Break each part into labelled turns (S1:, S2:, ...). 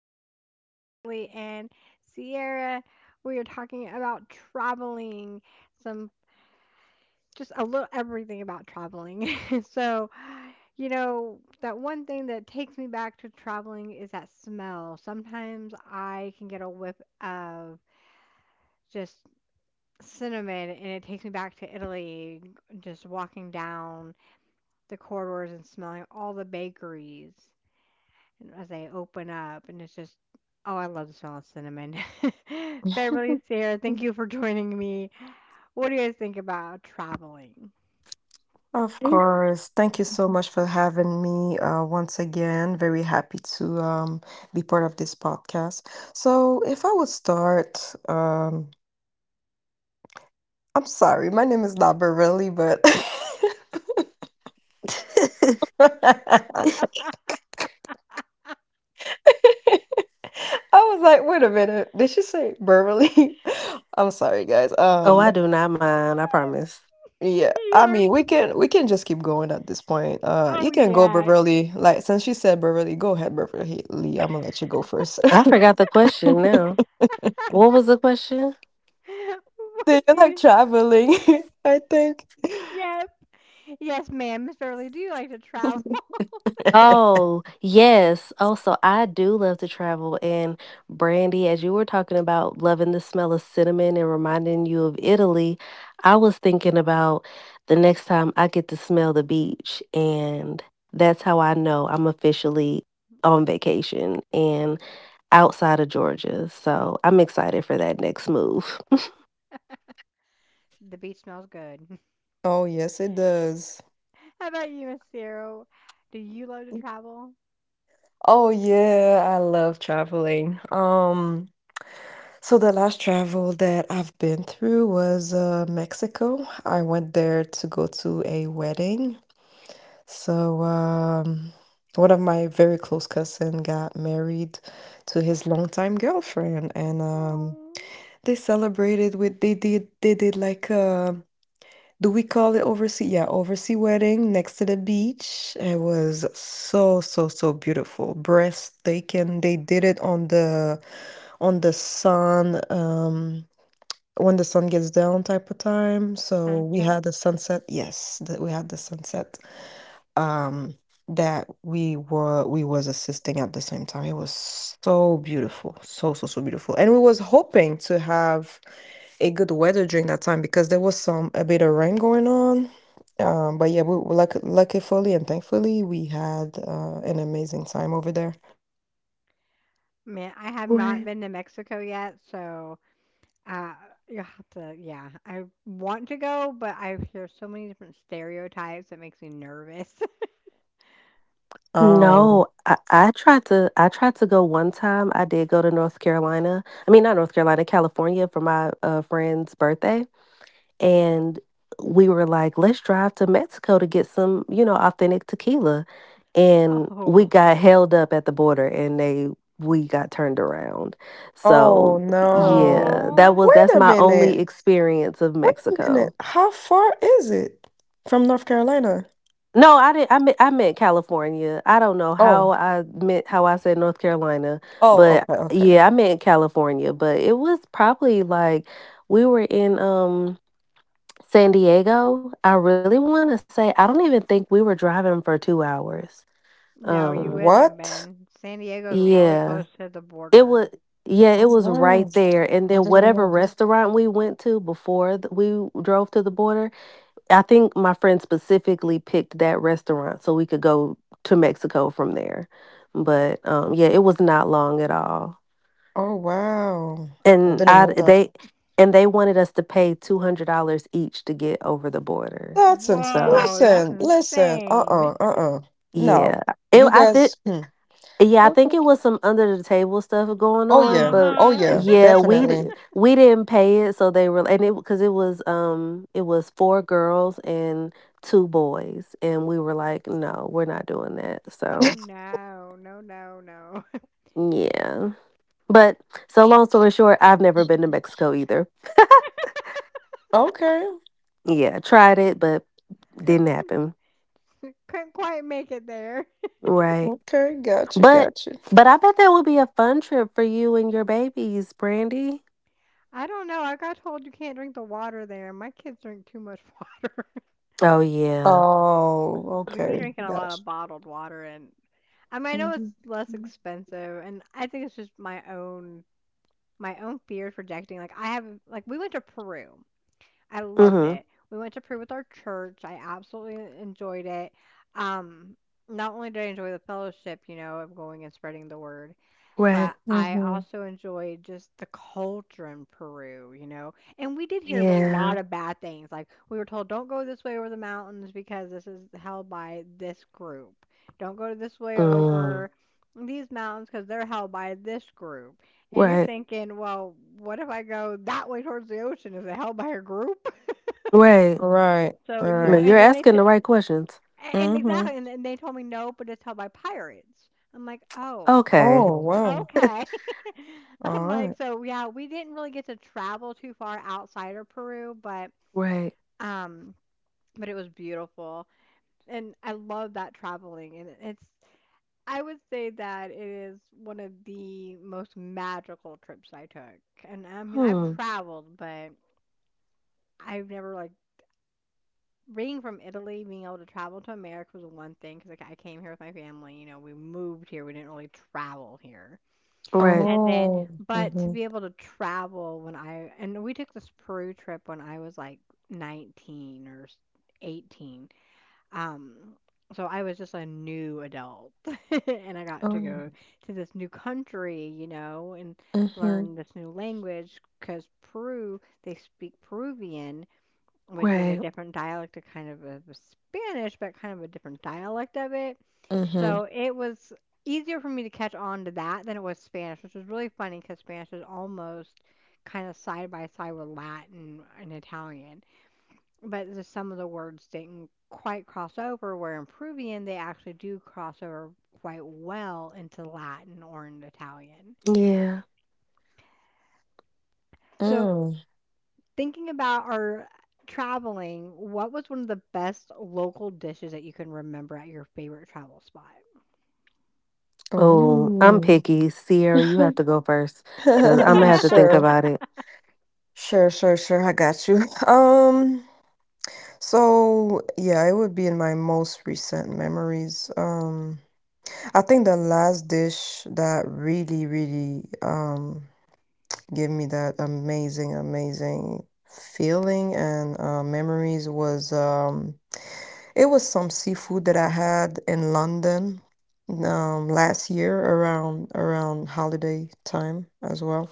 S1: today. I'm with Beverly and Sierra. We are talking about traveling, some just a little everything about traveling. so, that one thing that takes me back to traveling is that smell. Sometimes I can get a whiff of just cinnamon, and it takes me back to Italy, just walking down the corridors and smelling all the bakeries. And as I open up, and it's just, oh, I love the smell of cinnamon. Beverly's here. Thank you for joining me. What do you guys think about traveling?
S2: Of course. Thank you so much for having me once again. Very happy to be part of this podcast. So, if I would start, I'm sorry, my name is not Barelli, but I was like, wait a minute, did she say Beverly? I'm sorry, guys.
S3: Oh, I do not mind. I promise.
S2: Yeah, I
S1: You're,
S2: mean, we can just keep going at this point.
S1: oh,
S2: You can go
S1: yeah.
S2: Beverly. Like since she said Beverly, go ahead, Beverly. I'm gonna let you go first.
S3: I forgot the question now. What was the question?
S1: What
S2: Do you
S1: do
S2: like
S1: you,
S2: traveling? I think.
S1: yeah. Yes, ma'am. Miss Beverly, do you like to travel?
S3: Oh, yes. Oh, so I do love to travel. And Brandy, as you were talking about loving the smell of cinnamon and reminding you of Italy, I was thinking about the next time I get to smell the beach. And that's how I know I'm officially on vacation and outside of Georgia. So I'm excited for that next move.
S1: The beach smells good.
S2: Oh, yes, it does.
S1: How about you, Miss Sarah? Do you love to travel?
S2: Oh, yeah, I love traveling. So the last travel that I've been through was Mexico. I went there to go to a wedding. So, one of my very close cousin got married to his longtime girlfriend, and
S1: Oh,
S2: they celebrated with they did like a. Do we call it oversea? Yeah, oversea wedding next to the beach. It was so, so, so beautiful. Breathtaking. They did it on the sun, when the sun gets down type of time. So we
S1: sunset.
S2: had the sunset. Yes, that we had the sunset. Um, that we was assisting at the same time. It was so beautiful. So, so, so beautiful. And we was hoping to have a good weather during that time because there was some a bit of rain going on. But yeah, we luckily and thankfully we had an amazing time over there.
S3: Right.
S1: Man, I have not been to Mexico yet, so uh, you have to, yeah. I want to go, but I hear so many different stereotypes that makes me nervous.
S3: No, I
S2: Um,
S3: tried to I tried to go one time. I did go to North Carolina. I mean, not North Carolina, California for my, friend's birthday, and we were like, "Let's drive to Mexico to get some, you know, authentic tequila." And we
S1: Oh,
S3: got held up at the border and they we got turned around.
S2: oh
S3: So, yeah,
S2: no!
S1: oh,
S3: that's
S2: Wait a
S3: my only
S2: minute!
S3: experience of
S2: Wait a minute!
S3: Mexico.
S2: How far is it from North Carolina?
S3: No, I didn't. I meant California. I don't know
S2: Oh,
S3: how I said North Carolina,
S2: oh,
S3: but
S2: okay, okay.
S3: yeah, I meant California. But it was probably like we were in San Diego. I really want to say I don't even think we were driving for 2 hours.
S1: no, you
S3: Um,
S1: wouldn't have
S2: What?
S1: been. San Diego's really
S3: yeah,
S1: close to the
S3: it
S1: border.
S3: was. Yeah,
S2: Oh,
S3: it was right
S2: wow!
S3: there. And
S2: I
S3: then
S2: didn't
S3: whatever
S2: know.
S3: restaurant we went to we drove to the border, I think my friend specifically picked that restaurant so we could go to Mexico from there. But yeah, it was not long at all,
S2: Oh wow! I
S3: and
S2: didn't
S3: I
S2: know.
S3: they and they wanted us to pay $200 each to get over the border.
S2: That's ins
S3: So
S1: Whoa, that's
S2: Listen, listen,
S1: insane.
S2: uh-uh, uh-uh.
S3: yeah,
S2: No,
S3: it
S2: you
S3: I did.
S2: guys, hmm,
S3: Yeah, I
S2: okay.
S3: think it was some under the table stuff going
S2: Oh,
S3: on,
S2: yeah.
S3: but
S2: Oh,
S1: Uh-huh.
S2: yeah,
S3: yeah,
S2: definitely.
S3: we didn't pay it, so they were and it because it was four girls and two boys, and we were like, no, we're not doing that.
S1: Oh
S3: So
S1: no, no, no, no.
S3: yeah, but so long story short, I've never been to Mexico either.
S2: Okay,
S3: Yeah, tried it, but didn't happen.
S1: Couldn't quite make it there.
S3: Right,
S2: okay, gotcha,
S3: but
S2: gotcha.
S3: I bet that would be a fun trip for you and your babies, Brandy.
S1: I don't know. I got told you can't drink the water there. My kids drink too much water.
S3: Oh yeah.
S2: Oh,
S1: We be
S2: okay,
S1: drinking a lot
S2: gotcha.
S1: of bottled water. And I mean, I know it's
S2: Mhm,
S1: less
S2: mhm,
S1: expensive, and I think it's just my own fear projecting. Like I have, like we went to Peru. I loved
S3: Mm-hmm.
S1: it. We went to Peru with our church. I absolutely enjoyed it. Um, Not only did I enjoy the fellowship, you know, of going and spreading the word,
S3: Right.
S1: but I
S2: mhm.
S1: also enjoyed just the culture in Peru, you know. And we did hear a lot
S3: Yeah.
S1: of bad things. Like we were told, don't go this way over the mountains because this is held by this group. Don't go this way
S3: Mm,
S1: over these mountains because they're held by this group. And you're
S3: right,
S1: thinking, well, what if I go that way towards the ocean? Is it held by a group?
S3: right.
S2: Right,
S1: So you
S3: No,
S2: right.
S1: know,
S3: you're asking the right questions.
S1: and
S2: Mhm.
S1: exactly, and they told me no, but it's held by pirates. I'm like, oh,
S3: Okay,
S2: Oh, wow.
S1: okay.
S2: All
S1: I'm like,
S2: right.
S1: so yeah, we didn't really get to travel too far outside of Peru,
S3: right.
S1: um but it was beautiful. And I love that traveling, and it's I would say that it is one of the most magical trips I took. And I mean, I've
S3: Hmm,
S1: traveled, but I've never like being from Italy, being able to travel to America was one thing because like I came here with my family, you know, we moved here, we didn't really travel here.
S3: right,
S1: And then,
S2: Oh,
S1: but to
S2: mhm.
S1: be able to travel when I, and we took this Peru trip when I was like 19 or s- 18. Um, so I was just a new adult and I got to
S2: Oh,
S1: go to this new country, you know, and
S2: mhm,
S1: learn this new language because Peru, they speak Peruvian, which is a
S3: right.
S1: different dialect, a Spanish, but kind of a different dialect of it.
S2: mhm,
S1: So it was easier for me to catch on to that than it was Spanish, which was really funny because Spanish is almost kind of side by side with Latin and Italian. But some of the words didn't quite cross over, where in Peruvian they actually do cross over quite well into Latin or into Italian.
S3: Yeah.
S1: So
S2: mm.
S1: thinking about our traveling, what was one of the best local dishes that you can remember at your favorite travel spot?
S3: Oh, I'm
S2: Ooh.
S3: picky. Sierra, you have to go first because I'm gonna have to think
S2: Sure.
S3: about it.
S2: Sure, sure, sure. I got you. So yeah, it would be in my most recent memories. I think the last dish that really, really gave me that amazing, amazing feeling and memories was it was some seafood that I had in London last year around holiday time as well.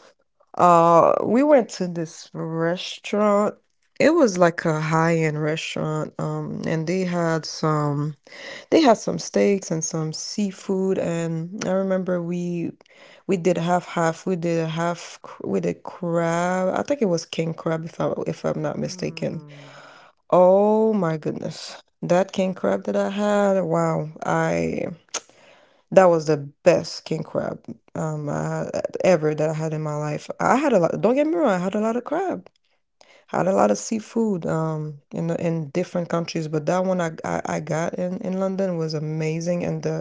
S2: We went to this restaurant. It was like a high-end restaurant, and they had some steaks and some seafood. And I remember we did half half. We did we did crab. I think it was king crab if I'm not mistaken.
S1: Mm.
S2: Oh my goodness. That king crab that I had, wow. I That was the best king crab I had- ever that I had in my life. I had a lot, don't get me wrong, I had a lot of crab. Had a lot of seafood in different countries, but that one I got in London was amazing and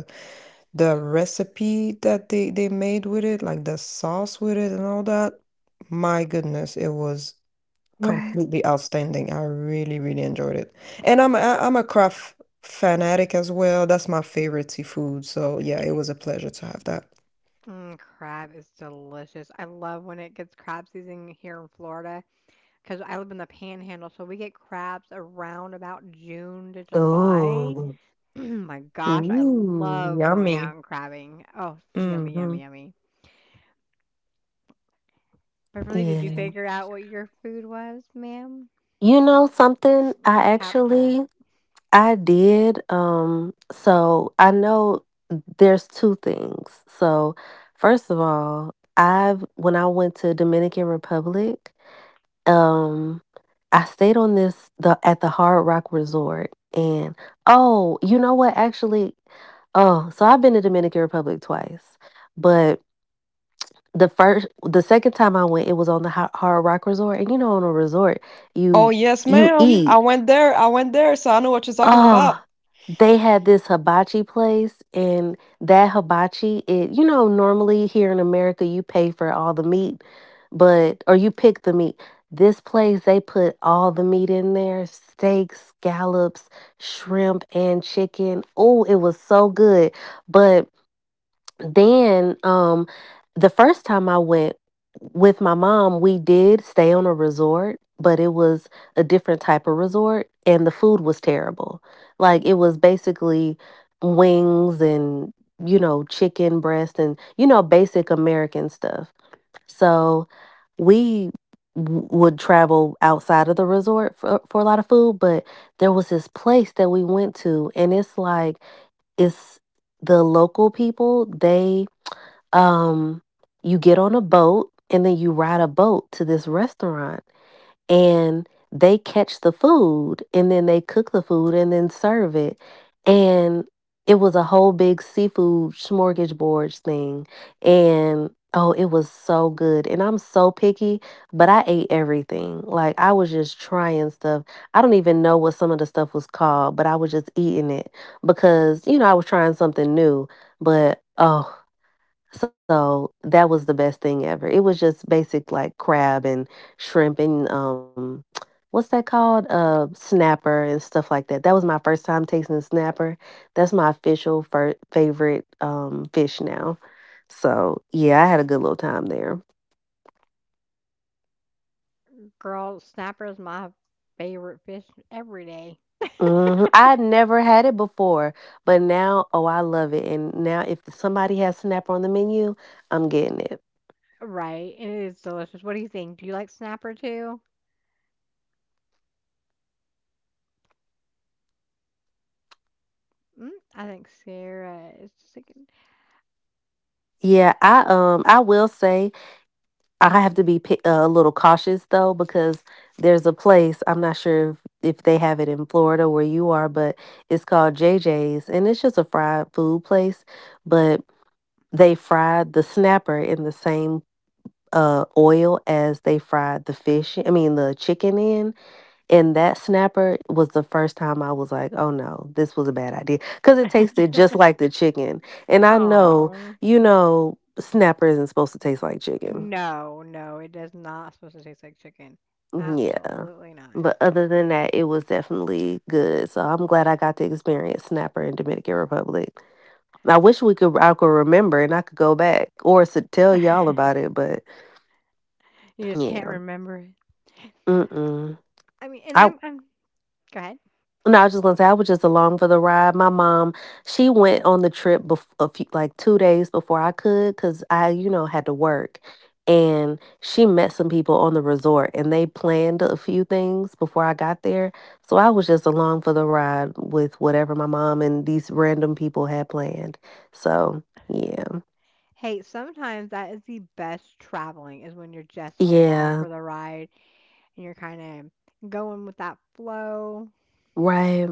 S2: the recipe that they made with it, like the sauce with it and all that. My goodness, it was
S3: Right.
S2: completely outstanding. I really, really enjoyed it. And I'm a craft fanatic as well. That's my favorite seafood. So yeah, it was a pleasure to have that.
S1: Mm, crab is delicious. I love when it gets crab season here in Florida because I live in the Panhandle, so we get crabs around about June to July.
S3: Oh,
S1: My gosh, I
S2: Ooh,
S1: love going
S2: yummy.
S1: out and crabbing. Oh, yummy,
S2: Hmm.
S1: yummy, yummy. Beverly, did you
S3: yeah.
S1: figure out what your food was, ma'am?
S3: You know something?
S1: Got
S3: I
S1: tap crab.
S3: actually I did. So I know there's two things. So first of all, I've when I went to Dominican Republic, um I stayed on this the at the Hard Rock Resort and oh, you know what actually oh, so I've been to Dominican Republic twice. But the second time I went, it was on the Hard Rock Resort and you know on a resort,
S2: Oh,
S3: you
S2: yes,
S3: you
S2: ma'am.
S3: eat.
S2: I went there, so I know what you're talking about.
S3: Oh, they had this hibachi place, and that hibachi, it you know, normally here in America, you pay for all the meat, but or you pick the meat. This place, they put all the meat in there, steaks, scallops, shrimp, and chicken. Oh, it was so good. But then the first time I went with my mom, we did stay on a resort, but it was a different type of resort and the food was terrible. Like it was basically wings and you know, chicken breast and you know, basic American stuff. So we would travel outside of the resort for a lot of food, but there was this place that we went to and it's the local people, they um, you get on a boat and then you ride a boat to this restaurant and they catch the food and then they cook the food and then serve it. And it was a whole big seafood smorgasbord thing. And oh, it was so good. And I'm so picky, but I ate everything. Like I was just trying stuff. I don't even know what some of the stuff was called, but I was just eating it because, you know, I was trying something new. But oh, so that was the best thing ever. It was just basic like crab and shrimp and what's that called? Snapper and stuff like that. That was my first time tasting snapper. That's my official favorite fish now. So, yeah, I had a good little time there.
S1: Girl, snapper is my favorite fish every day.
S3: I had never had it before, but now oh, I love it. And now if somebody has snapper on the menu, I'm getting it.
S1: Right, and it is delicious. What do you think? Do you like snapper too? Mm, I think Sarah is just
S3: Yeah, I will say I have to be a little cautious though because there's a place I'm not sure if they have it in Florida where you are, but it's called J J's, and it's just a fried food place, but they fried the snapper in the same oil as they fried the fish. I mean the chicken in, and that snapper was the first time I was like, oh no, this was a bad idea because it
S1: like,
S3: tasted just like the chicken, and I know
S1: oh,
S3: you know snapper isn't supposed to taste like chicken.
S1: no, no, it does not supposed to taste like chicken.
S3: Yeah.
S1: Absolutely not.
S3: But other than that, it was definitely good. So I'm glad I got to experience Snapper in Dominican Republic. I wish we could I could remember and I could go back or s tell y'all about it, but
S1: You just can't
S3: yeah.
S1: remember it.
S3: Mm-mm.
S1: I mean,
S3: I
S1: go ahead.
S3: No, I was just gonna say I was just along for the ride. My mom, she went on the trip a few, like 2 days before I could, cause I, you know, had to work, and she met some people on the resort, and they planned a few things before I got there. So I was just along for the ride with whatever my mom and these random people had planned. So yeah,
S1: Hey, sometimes that is the best traveling is when you're just along
S3: yeah,
S1: for the ride and you're kind of going with that flow.
S3: right,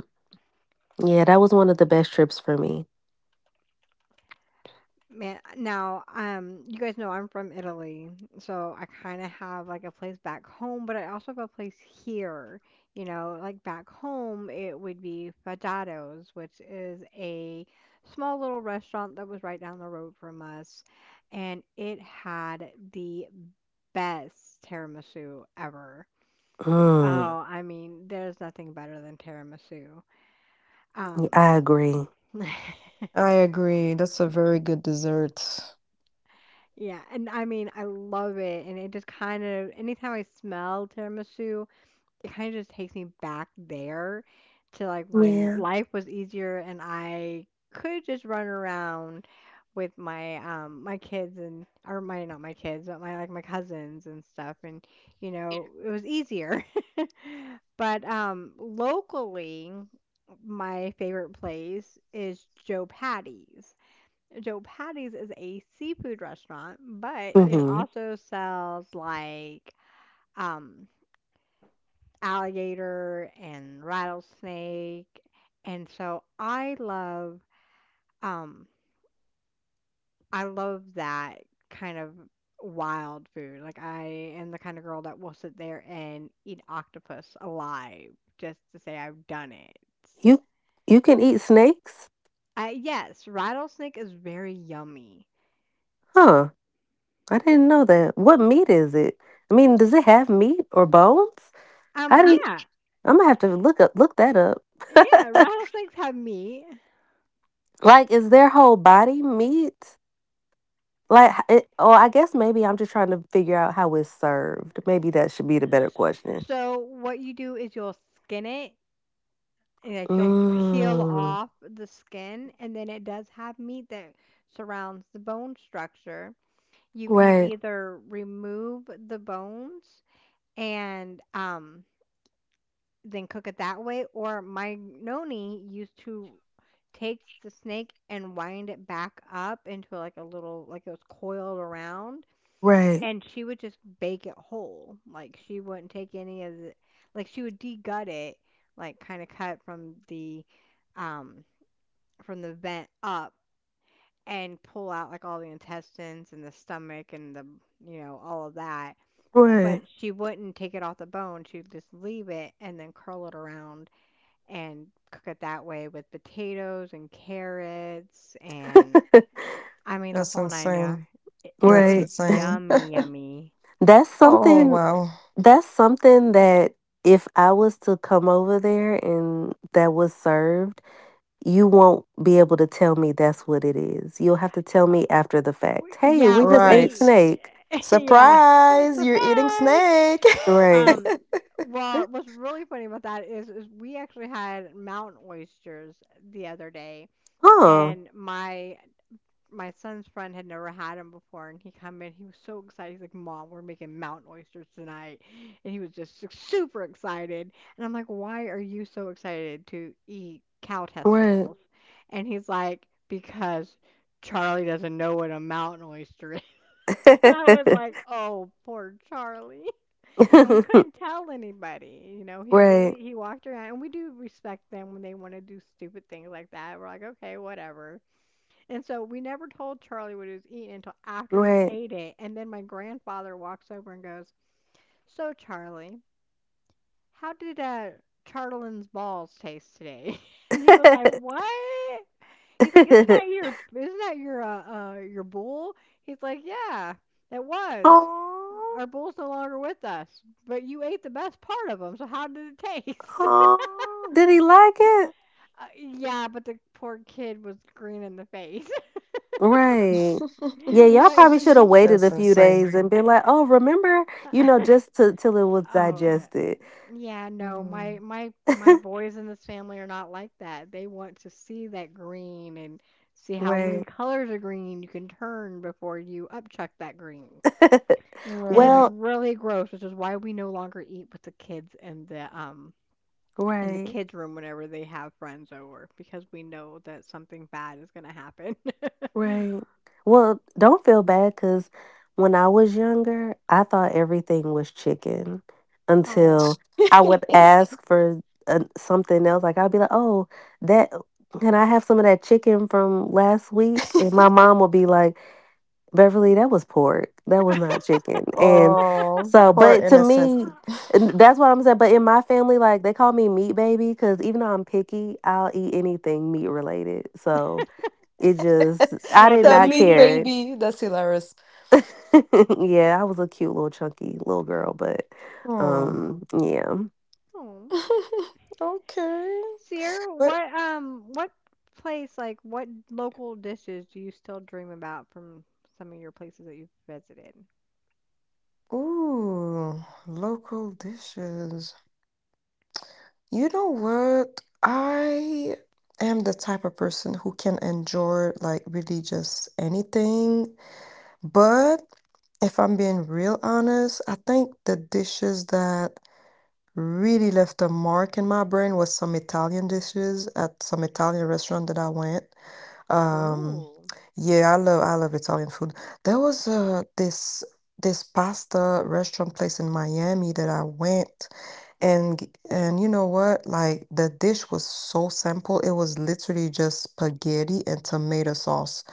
S3: yeah, that was one of the best trips for me.
S1: Man, now, you guys know I'm from Italy, so I kind of have like a place back home, but I also have a place here. You know, like back home, it would be Fadado's, which is a small little restaurant that was right down the road from us, and it had the best tiramisu ever.
S3: Mm,
S1: Oh, I mean, there's nothing better than tiramisu.
S3: yeah,
S1: Um,
S3: I agree.
S4: I agree. That's a very good dessert.
S1: yeah, and I mean, I love it, and it just kind of anytime I smell tiramisu, it kind of just takes me back there to like when
S3: Yeah.
S1: life was easier and I could just run around with my kids, and or my not my kids, but my like my cousins and stuff, and you know, it was easier. But locally, my favorite place is Joe Patty's. Joe Patty's is a seafood restaurant, but it
S3: hmm
S1: also sells like um alligator and rattlesnake. And so um I love that kind of wild food. Like I am the kind of girl that will sit there and eat octopus alive just to say I've done it.
S3: You you can eat snakes?
S1: Yes, rattlesnake is very yummy.
S3: Huh. I didn't know that. What meat is it? I mean, does it have meat or bones? I didn't
S1: Yeah.
S3: I'm gonna have to look up look that up.
S1: Yeah, rattlesnakes have meat.
S3: Like, is their whole body meat? Like, or I guess maybe I'm just trying to figure out how it's served. Maybe that should be the better question.
S1: So what you do is you'll skin it, and like you'll peel
S3: Mm,
S1: off the skin, and then it does have meat that surrounds the bone structure. You can
S3: right,
S1: either remove the bones and then cook it that way, or my noni used to take the snake and wind it back up into like a little, like it was coiled around,
S3: right,
S1: and she would just bake it whole. Like she wouldn't take any of the she would de-gut it, like kind of cut um from the vent up and pull out like all the intestines and the stomach and the, you know, all of that. But
S3: right,
S1: she wouldn't take it off the bone. She'd just leave it and then curl it around and cook it that way with potatoes and carrots and, I mean, the
S4: That's
S1: whole nine yards.
S4: insane.
S1: And it
S4: That's
S1: was
S3: right.
S4: insane.
S1: yummy, yummy.
S3: That's
S4: Oh,
S3: something.
S4: wow.
S3: That's something that if I was to come over there and that was served. You won't be able to tell me that's what it is. You'll have to tell me after the fact.
S1: We
S3: Hey,
S1: yeah,
S3: we just ate
S4: Right.
S1: we
S3: snake.
S1: yeah,
S4: Surprise! You're eating
S1: surprise.
S4: snake.
S3: Right.
S1: Um, well, what's really funny about that is we actually had mountain oysters the other day,
S3: Huh.
S1: and my son's friend had never had them before, and he come in, he was so excited. He's like, "Mom, we're making mountain oysters tonight," and he was just super excited. And I'm like, "Why are you so excited to eat cow
S3: Right.
S1: testicles?" And he's like, "Because." Charlie doesn't know what a mountain oyster. And I was like, "Oh, poor Charlie." And we couldn't tell anybody. You know,
S3: right.
S1: he walked around, and we do respect them when they want to do stupid things like that. We're like, "Okay, whatever." And so we never told Charlie what he was eating until after he
S3: Right.
S1: ate it. And then my grandfather walks over and goes, "So, Charlie, how did Charlin's balls taste today?" And he was like, "What?" He's like, isn't that your bull?" He's like, "Yeah, that was."
S3: oh,
S1: Our bull's no longer with us, but you ate the best part of him, so how did it taste?
S3: oh, did he like it?
S1: Yeah, but the poor kid was green in the face.
S3: Right. Yeah, y'all
S1: But
S3: probably should
S1: he
S3: have waited
S4: That's
S3: a few
S4: insane.
S3: days and been like, oh, remember, you know, just to, till it was
S1: oh yeah.
S3: digested.
S1: Yeah, no. My
S4: Mm,
S1: my my boys in this family are not like that. They want to see that green and see how many
S3: right.
S1: colors of green you can turn before you upchuck that green. And it's
S4: right.
S3: well,
S1: really gross, which is why we no longer eat with the kids in the
S3: right.
S1: kids' room whenever they have friends over because we know that something bad is going to happen.
S3: Right. Well, don't feel bad, cause when I was younger, I thought everything was chicken
S1: Oh.
S3: until I would ask for, something else, like, I'd be like, "Oh, that can I have some of that chicken from last week?" And my mom would be like, "Beverly, that was pork. That was not chicken." And
S4: Oh,
S3: so
S4: poor
S3: but to
S4: innocent.
S3: me and that's what I'm saying, but in my family, like, they call me meat baby, cause even though I'm picky, I'll eat anything meat related, so it just I
S1: Well,
S3: did
S4: That
S1: then
S3: not
S1: you
S4: meat
S1: need to.
S3: care.
S4: baby. That's hilarious.
S3: yeah, I was a cute little chunky little girl, but
S4: Hmm.
S3: yeah.
S1: Oh.
S4: Okay.
S1: Sierra,
S4: But
S1: what place, like what local dishes do you still dream about from some of your places that you've visited?
S4: ooh, local dishes. You know what? I am the type of person who can endure like really just anything. But if I'm being real honest, I think the dishes that really left a mark in my brain was some Italian dishes at some Italian restaurant that I went. Um,
S1: Ooh.
S4: yeah, I love Italian food. There was this pasta restaurant place in Miami that I went and you know what? Like the dish was so simple. It was literally just spaghetti and tomato sauce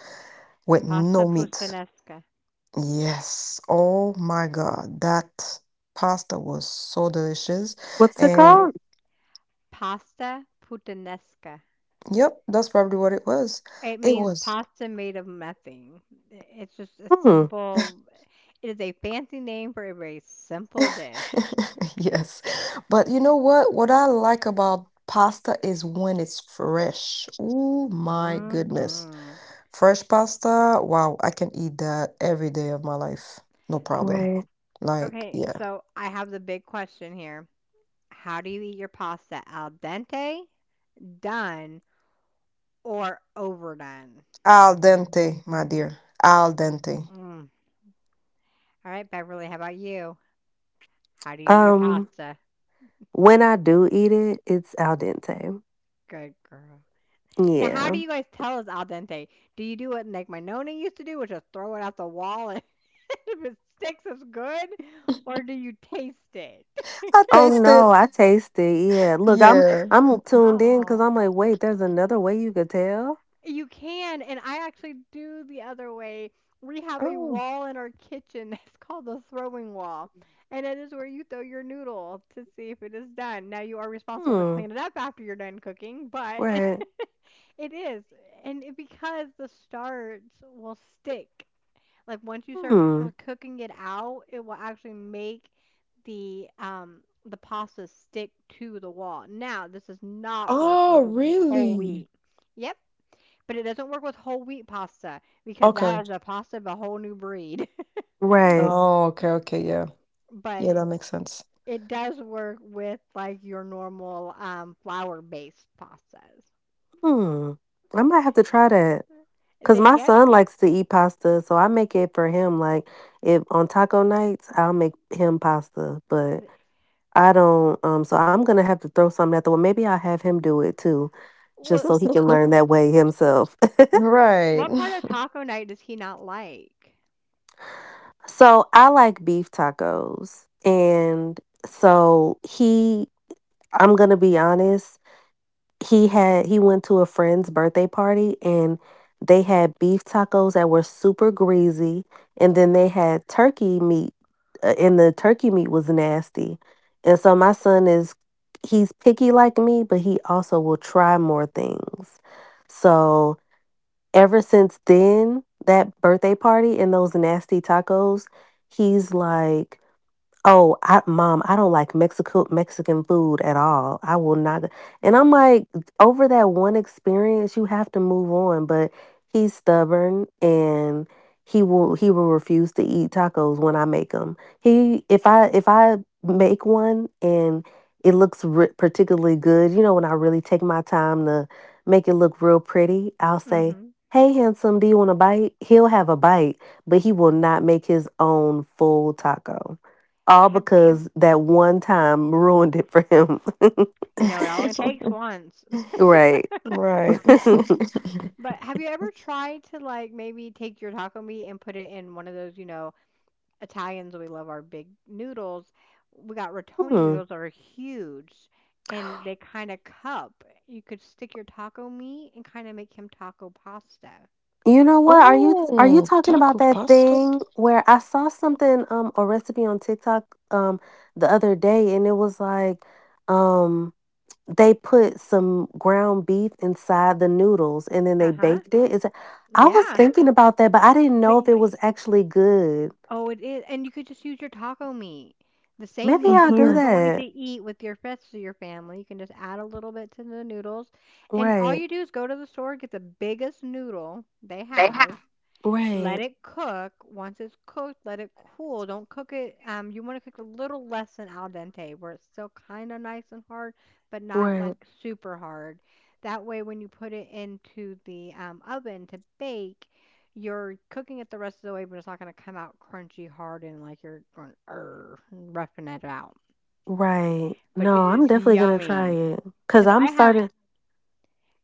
S4: with
S1: Pasta
S4: no meat.
S1: puttanesca.
S4: Yes. Oh my God. That pasta was so delicious.
S3: What's it
S4: And
S3: called?
S1: Pasta puttanesca.
S4: yep, that's probably what it was.
S1: It
S4: It
S1: means
S4: was.
S1: pasta made of nothing. It's just a
S3: Hmm.
S1: simple It is a fancy name for a very simple dish.
S4: Yes. But you know what? What I like about pasta is when it's fresh. Oh my goodness.
S1: Hmm.
S4: Fresh pasta, wow, I can eat that every day of my life. No problem.
S3: Right.
S4: Like,
S1: Okay,
S4: yeah.
S1: so I have the big question here. How do you eat your pasta? Al dente, done, or overdone?
S4: Al dente, my dear. Al dente.
S1: Mm. All right, Beverly, how about you? How do you eat your
S3: Um
S1: pasta?
S3: when I do eat it, it's al dente.
S1: Good girl. Now, how
S3: Yeah.
S1: do you guys tell it's al dente? Do you do it like my Nona used to do, which is throw it out the wall and if it sticks, it's good? Or do you taste it?
S4: I
S3: Oh
S4: taste it.
S3: no, I taste it. Yeah. Look,
S4: Yeah.
S3: I'm tuned in cuz
S1: Oh.
S3: I'm like, "Wait, there's another way you could tell?"
S1: You can, and I actually do the other way. We have a
S4: Oh.
S1: wall in our kitchen that's called the throwing wall, and it is where you throw your noodle to see if it is done. Now, you are responsible to
S3: Hmm.
S1: clean it up after you're done cooking, but
S3: Right.
S1: it is. And because the starch will stick, like once you start
S3: Hmm.
S1: cooking it out, it will actually make the the pasta stick to the wall. Now, this does not work
S4: Oh,
S1: with whole
S4: really?
S1: wheat. Yep. But it doesn't work with whole wheat pasta because that
S4: Okay.
S1: is a pasta of a whole new breed.
S3: Right.
S4: Oh, okay, okay, yeah.
S1: But
S4: Yeah, that makes sense.
S1: it does work with like your normal flour-based pastas.
S3: Hmm. I might have to try that. Cause
S1: That
S3: my
S1: yep.
S3: son likes to eat pasta, so I make it for him. Like if on taco nights, I'll make him pasta, but I don't. So I'm gonna have to throw something at the wall. Maybe I'll have him do it too, just so
S1: Well,
S3: he can learn that way himself.
S4: Right.
S1: what part of taco night does he not like?
S3: so I like beef tacos, and so he. I'm gonna be honest. He went to a friend's birthday party, and they had beef tacos that were super greasy, and then they had turkey meat, and the turkey meat was nasty. And so my son is he's picky like me, but he also will try more things. So ever since then, that birthday party and those nasty tacos, he's like oh, I, mom, I don't like Mexico Mexican food at all. I will not. And I'm like, over that one experience, you have to move on. But he's stubborn, and he will refuse to eat tacos when I make them. He if I make one and it looks particularly good, you know, when I really take my time to make it look real pretty, I'll say,
S1: Hmm
S3: "Hey, handsome, do you want a bite?" He'll have a bite, but he will not make his own full taco. All
S1: Have
S3: because that one time ruined it for him.
S1: it only takes once.
S3: Right.
S4: Right.
S1: But have you ever tried to like maybe take your taco meat and put it in one of those, Italians, we love our big noodles. We got rotoni
S3: Hmm.
S1: noodles that are huge and they kind of cup. You could stick your taco meat and kind of make him taco pasta.
S3: You know what? Are you
S4: Oh,
S3: talking about
S4: taco
S3: that
S4: pasta?
S3: thing where I saw something a recipe on TikTok um the other day, and it was like um they put some ground beef inside the noodles and then they
S1: Uh-huh.
S3: baked it. I was
S1: Yeah,
S3: thinking about that, but I didn't
S1: but
S3: know if it
S1: y-
S3: was actually good.
S1: oh, it is. And you could just use your taco meat. The same
S3: Maybe
S1: meat that
S3: I'll do
S1: you're
S4: Hmm.
S1: going to
S3: that.
S1: eat with your rest of your family, you can just add a little bit to the noodles. And all
S3: Right.
S1: you do is go to the store, get the biggest noodle they have.
S3: Right.
S1: Let it cook. Once it's cooked, let it cool. Don't cook it. You want to cook a little less than al dente, where it's still kind of nice and hard, but not like
S3: Right.
S1: super hard. That way, when you put it into the oven to bake, you're cooking it the rest of the way, but it's not going to come out crunchy hard and like you're going and roughing it out.
S3: Right.
S1: But
S3: No,
S1: it
S3: I'm
S1: is
S3: definitely gonna try
S1: yummy.
S3: it, because 'cause
S1: Cause
S3: I'm
S1: I have.
S3: starting.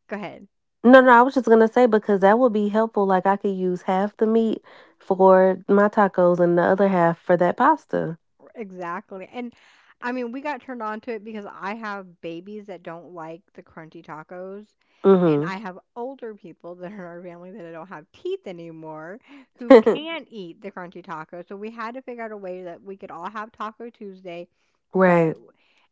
S1: Go ahead.
S3: No, no, I was just gonna say because that would be helpful, like, I could use half the meat for my tacos and the other half for that pasta.
S1: Exactly. And I mean, we got turned on to it because I have babies that don't like the crunchy tacos, and I
S3: Mhm.
S1: have older people that are in our family that don't have teeth anymore who can't eat the crunchy tacos. So we had to figure out a way that we could all have Taco Tuesday, but
S3: Right.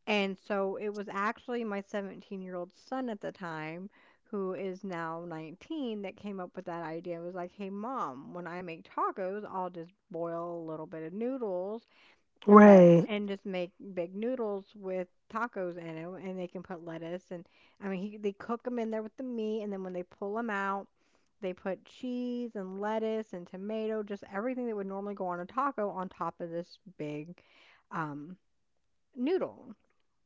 S1: and so it was actually my 17-year-old son at the time who is now 19 that came up with that idea. It was like, "Hey mom, when I make tacos, I'll just boil a little bit of noodles and let
S3: Right.
S1: and just make big noodles with tacos in them and they can put lettuce and they cook them in there with the meat and then when they pull them out they put cheese and lettuce and tomato just everything that would normally go on a taco on top of this big um noodle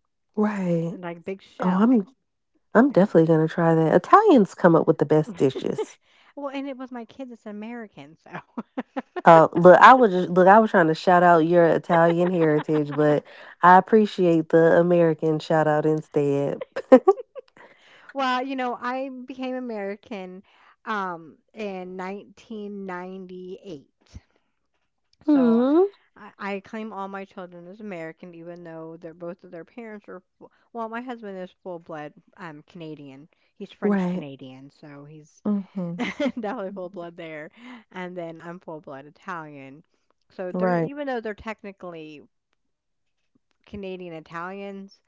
S3: Right.
S1: and like big
S3: Oh, I'm
S1: shell.
S3: I'm definitely
S1: And-
S3: gonna try that. Italians come up with the best dishes.
S1: well and it was my kids it's American so.
S3: Oh, look, I was trying to shout out your Italian heritage, but I appreciate the American shout out instead.
S1: Well, I became American in 1998. So
S3: Mhm.
S1: I claim all my children as American, even though they're both of their parents are. Well, my husband is full blood Canadian. He's French
S3: Right.
S1: Canadian, so he's
S4: Mhm.
S1: definitely full blood there. And then I'm full blood Italian. So they're
S4: Right.
S1: even though they're technically Canadian Italians,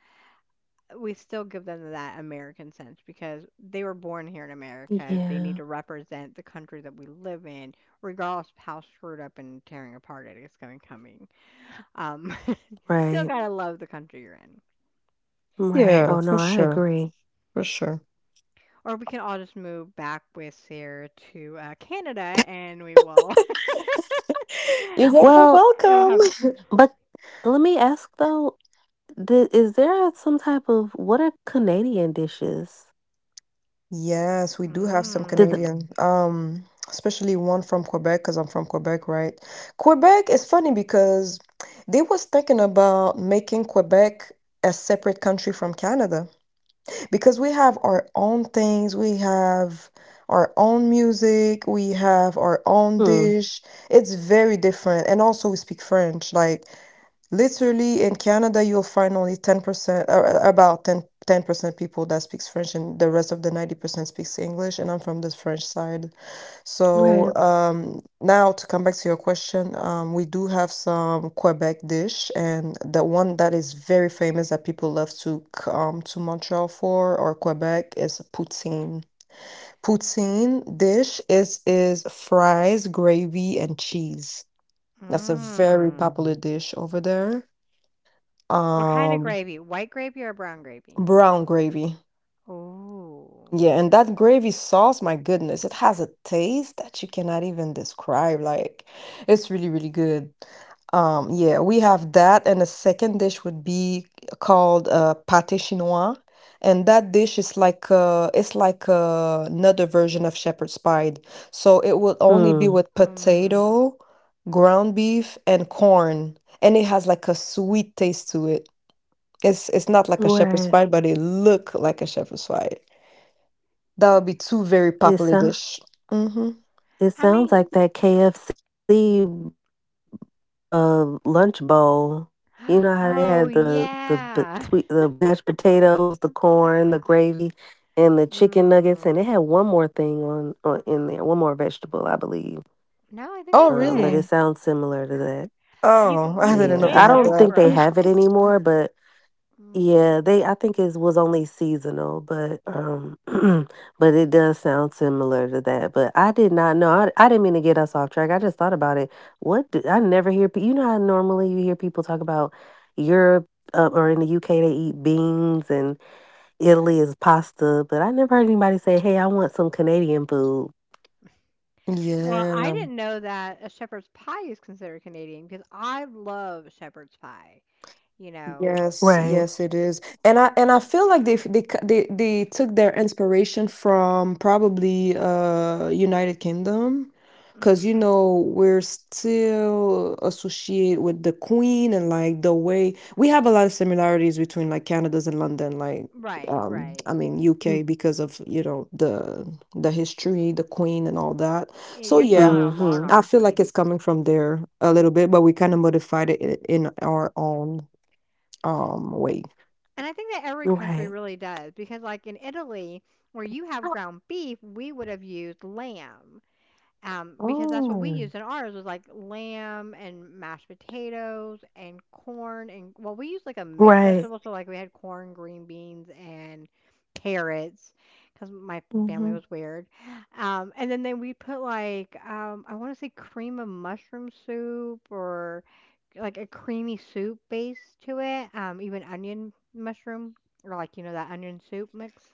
S1: we still give them that American sense because they were born here in America. They need
S3: Yeah.
S1: to represent the country that we live in, regardless of how screwed up and tearing apart it is going to coming. Um, Still
S3: Right,
S1: gotta love the country you're in.
S4: Yeah,
S3: right.
S4: for
S3: Oh, no, I
S4: sure,
S3: agree.
S4: for sure.
S1: Or we can all just move back with Sarah to Canada, and we will,
S4: You're very
S3: Well,
S1: and we'll have.
S4: welcome.
S3: but let me ask though, is there some type of what are Canadian dishes?
S4: Yes, we do have some
S3: Did
S1: Mmm.
S3: the
S4: Canadian, especially one from Quebec, because I'm from Quebec, right? Quebec is funny because they was thinking about making Quebec a separate country from Canada because we have our own things, we have our own music, we have our own dish.
S3: Mm,
S4: It's very different, and also we speak French. Like, literally in Canada, you'll find only 10%, or about 10% people that speaks French, and the rest of the 90% speaks English, and I'm from the French side. So,
S3: right,
S4: now to come back to your question, we do have some Quebec dish, and the one that is very famous that people love to come to Montreal for or Quebec is poutine. Poutine dish is fries, gravy, and cheese. That's a very
S1: Mmm.
S4: popular dish over there.
S1: What kind of
S4: Um,
S1: gravy? White gravy or brown gravy?
S4: Brown gravy.
S1: Oh.
S4: Yeah, and that gravy sauce, my goodness, it has a taste that you cannot even describe. Like, it's really, really good. Yeah, we have that, and the second dish would be called pâté chinois, and that dish is like it's like another version of shepherd's pie. So it will only be with
S1: Um.
S4: potato,
S3: mm,
S4: ground beef, and corn, and it has like a sweet taste to it. It's not like a shepherd's pie, but it
S3: right.
S4: look like a shepherd's pie. That would be two very popular dish.
S3: It sound
S4: Mm-hmm.
S1: I mean.
S3: it sounds like that KFC lunch bowl. You know how they had
S1: Oh
S3: the b- sweet the
S1: yeah.
S3: mashed potatoes, the corn, the gravy, and the chicken nuggets, and they had
S1: Mm.
S3: one more thing on in there, one more vegetable, I believe.
S1: No, I think
S4: Oh,
S1: that's
S3: But
S1: it.
S3: it
S4: really?
S3: sounds similar to that.
S4: Oh,
S1: You
S4: I
S1: can
S4: didn't know
S3: Yeah,
S4: they
S3: I
S1: get
S4: had
S3: don't
S4: that.
S3: think they
S1: okra.
S3: have it anymore, but
S1: Mm.
S3: yeah, they I think it was only seasonal, but but it does sound similar to that. But I did not know. I didn't mean to get us off track. I just thought about it. I never hear. You know how normally you hear people talk about Europe, or in the UK they eat beans, and Italy is pasta, but I never heard anybody say, "Hey, I want some Canadian food."
S1: Well, I
S4: Yeah.
S1: didn't know that a shepherd's pie is considered Canadian because I love shepherd's pie. You know,
S4: Yes, yes,
S3: Right.
S4: it is. And I feel like they f- they c- they took their inspiration from probably United Kingdom, because
S1: mm,
S4: you know we're still associated with the Queen and like the way we have a lot of similarities between like Canada's and London, like
S1: right, right.
S4: I mean UK because of, the history, the Queen and all that.
S1: Yeah,
S4: So
S1: you're still
S4: yeah,
S1: on a
S4: I feel like
S1: monarchy.
S3: Mm-hmm.
S4: it's coming from there a little bit, but we kind of modified it in our own. Wait.
S1: And I think that every country really does
S3: Right.
S1: because, like in Italy, where you have ground beef, we would have used lamb. Because that's what we
S4: Oh.
S1: used in ours was like lamb and mashed potatoes and corn and well, we used like a mixed vegetable, so like we had
S3: Right.
S1: corn, green beans, and carrots because my family
S4: Mhm.
S1: was weird. And then they we put like I want to say cream of mushroom soup or like a creamy soup base to it. Even onion mushroom or like you know that onion soup mix.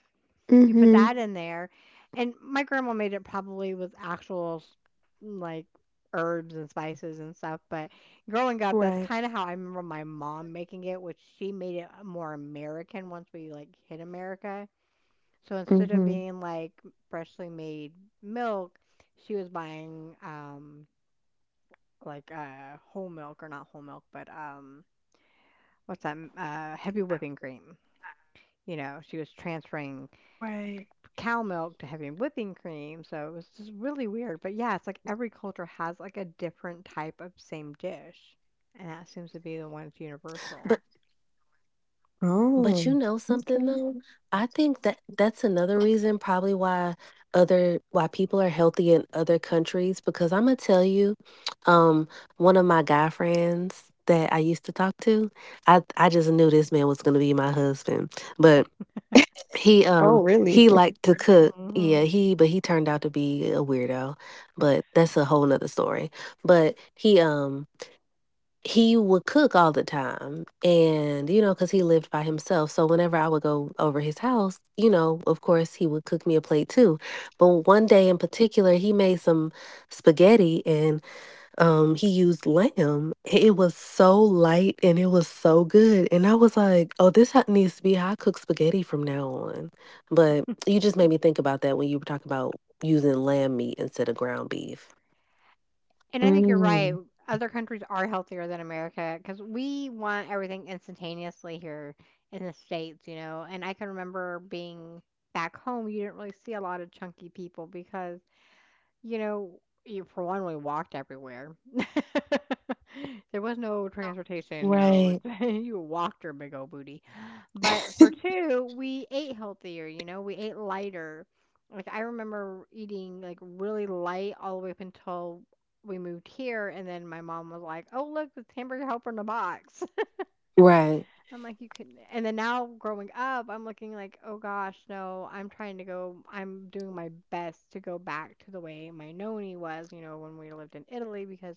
S1: You put
S4: Mhm.
S1: that in there, and my grandma made it probably with like herbs and spices and stuff. But growing up, that's kind of how I remember
S3: Right.
S1: my mom making it, which she made it more American once we like hit America. So instead of
S4: Mhm.
S1: being like freshly made milk, she was buying like whole milk or not whole milk, but um, heavy whipping cream. You know, she was
S3: Right.
S1: transferring cow milk to having whipping cream, so it was just really weird, but yeah, it's like every culture has, like, a different type of same dish, and that seems to be the one that's
S3: But
S1: universal.
S3: but you
S4: Oh,
S3: know something
S4: okay.
S3: though? I think that that's another reason probably why people are healthy in other countries, because I'm gonna tell you. um, one of my guy friends that I used to talk to, I just knew this man was gonna be my husband, but he
S4: Oh,
S3: um
S4: really?
S3: he liked to cook. Yeah,
S1: Mhm,
S3: he but he turned out to be a weirdo, but that's a whole nother story. But he would cook all the time, and because he lived by himself, so whenever I would go over his house, of course he would cook me a plate too. But one day in particular, he made some spaghetti, and he used lamb. It was so light and it was so good, and I was like, oh, this needs to be how I cook spaghetti from now on. But you just made me think about that when you were talking about using lamb meat instead of ground beef.
S1: and I think you're right,
S4: Mm.
S1: other countries are healthier than America because we want everything instantaneously here in the States, you know, and I can remember being back home, you didn't really see a lot of chunky people because you know, you, for one, we walked everywhere. There was no transportation modes.
S3: Right,
S1: You walked your big old booty. But for two, we ate healthier, you know, we ate lighter. Like, I remember eating like really light all the way up until we moved here. And then my mom was like, oh, look, it's hamburger helper in a box.
S3: right,
S1: I'm like, you could, and then now growing up, I'm looking like, oh gosh, no, I'm trying to go, I'm doing my best to go back to the way my noni was, you know, when we lived in Italy, because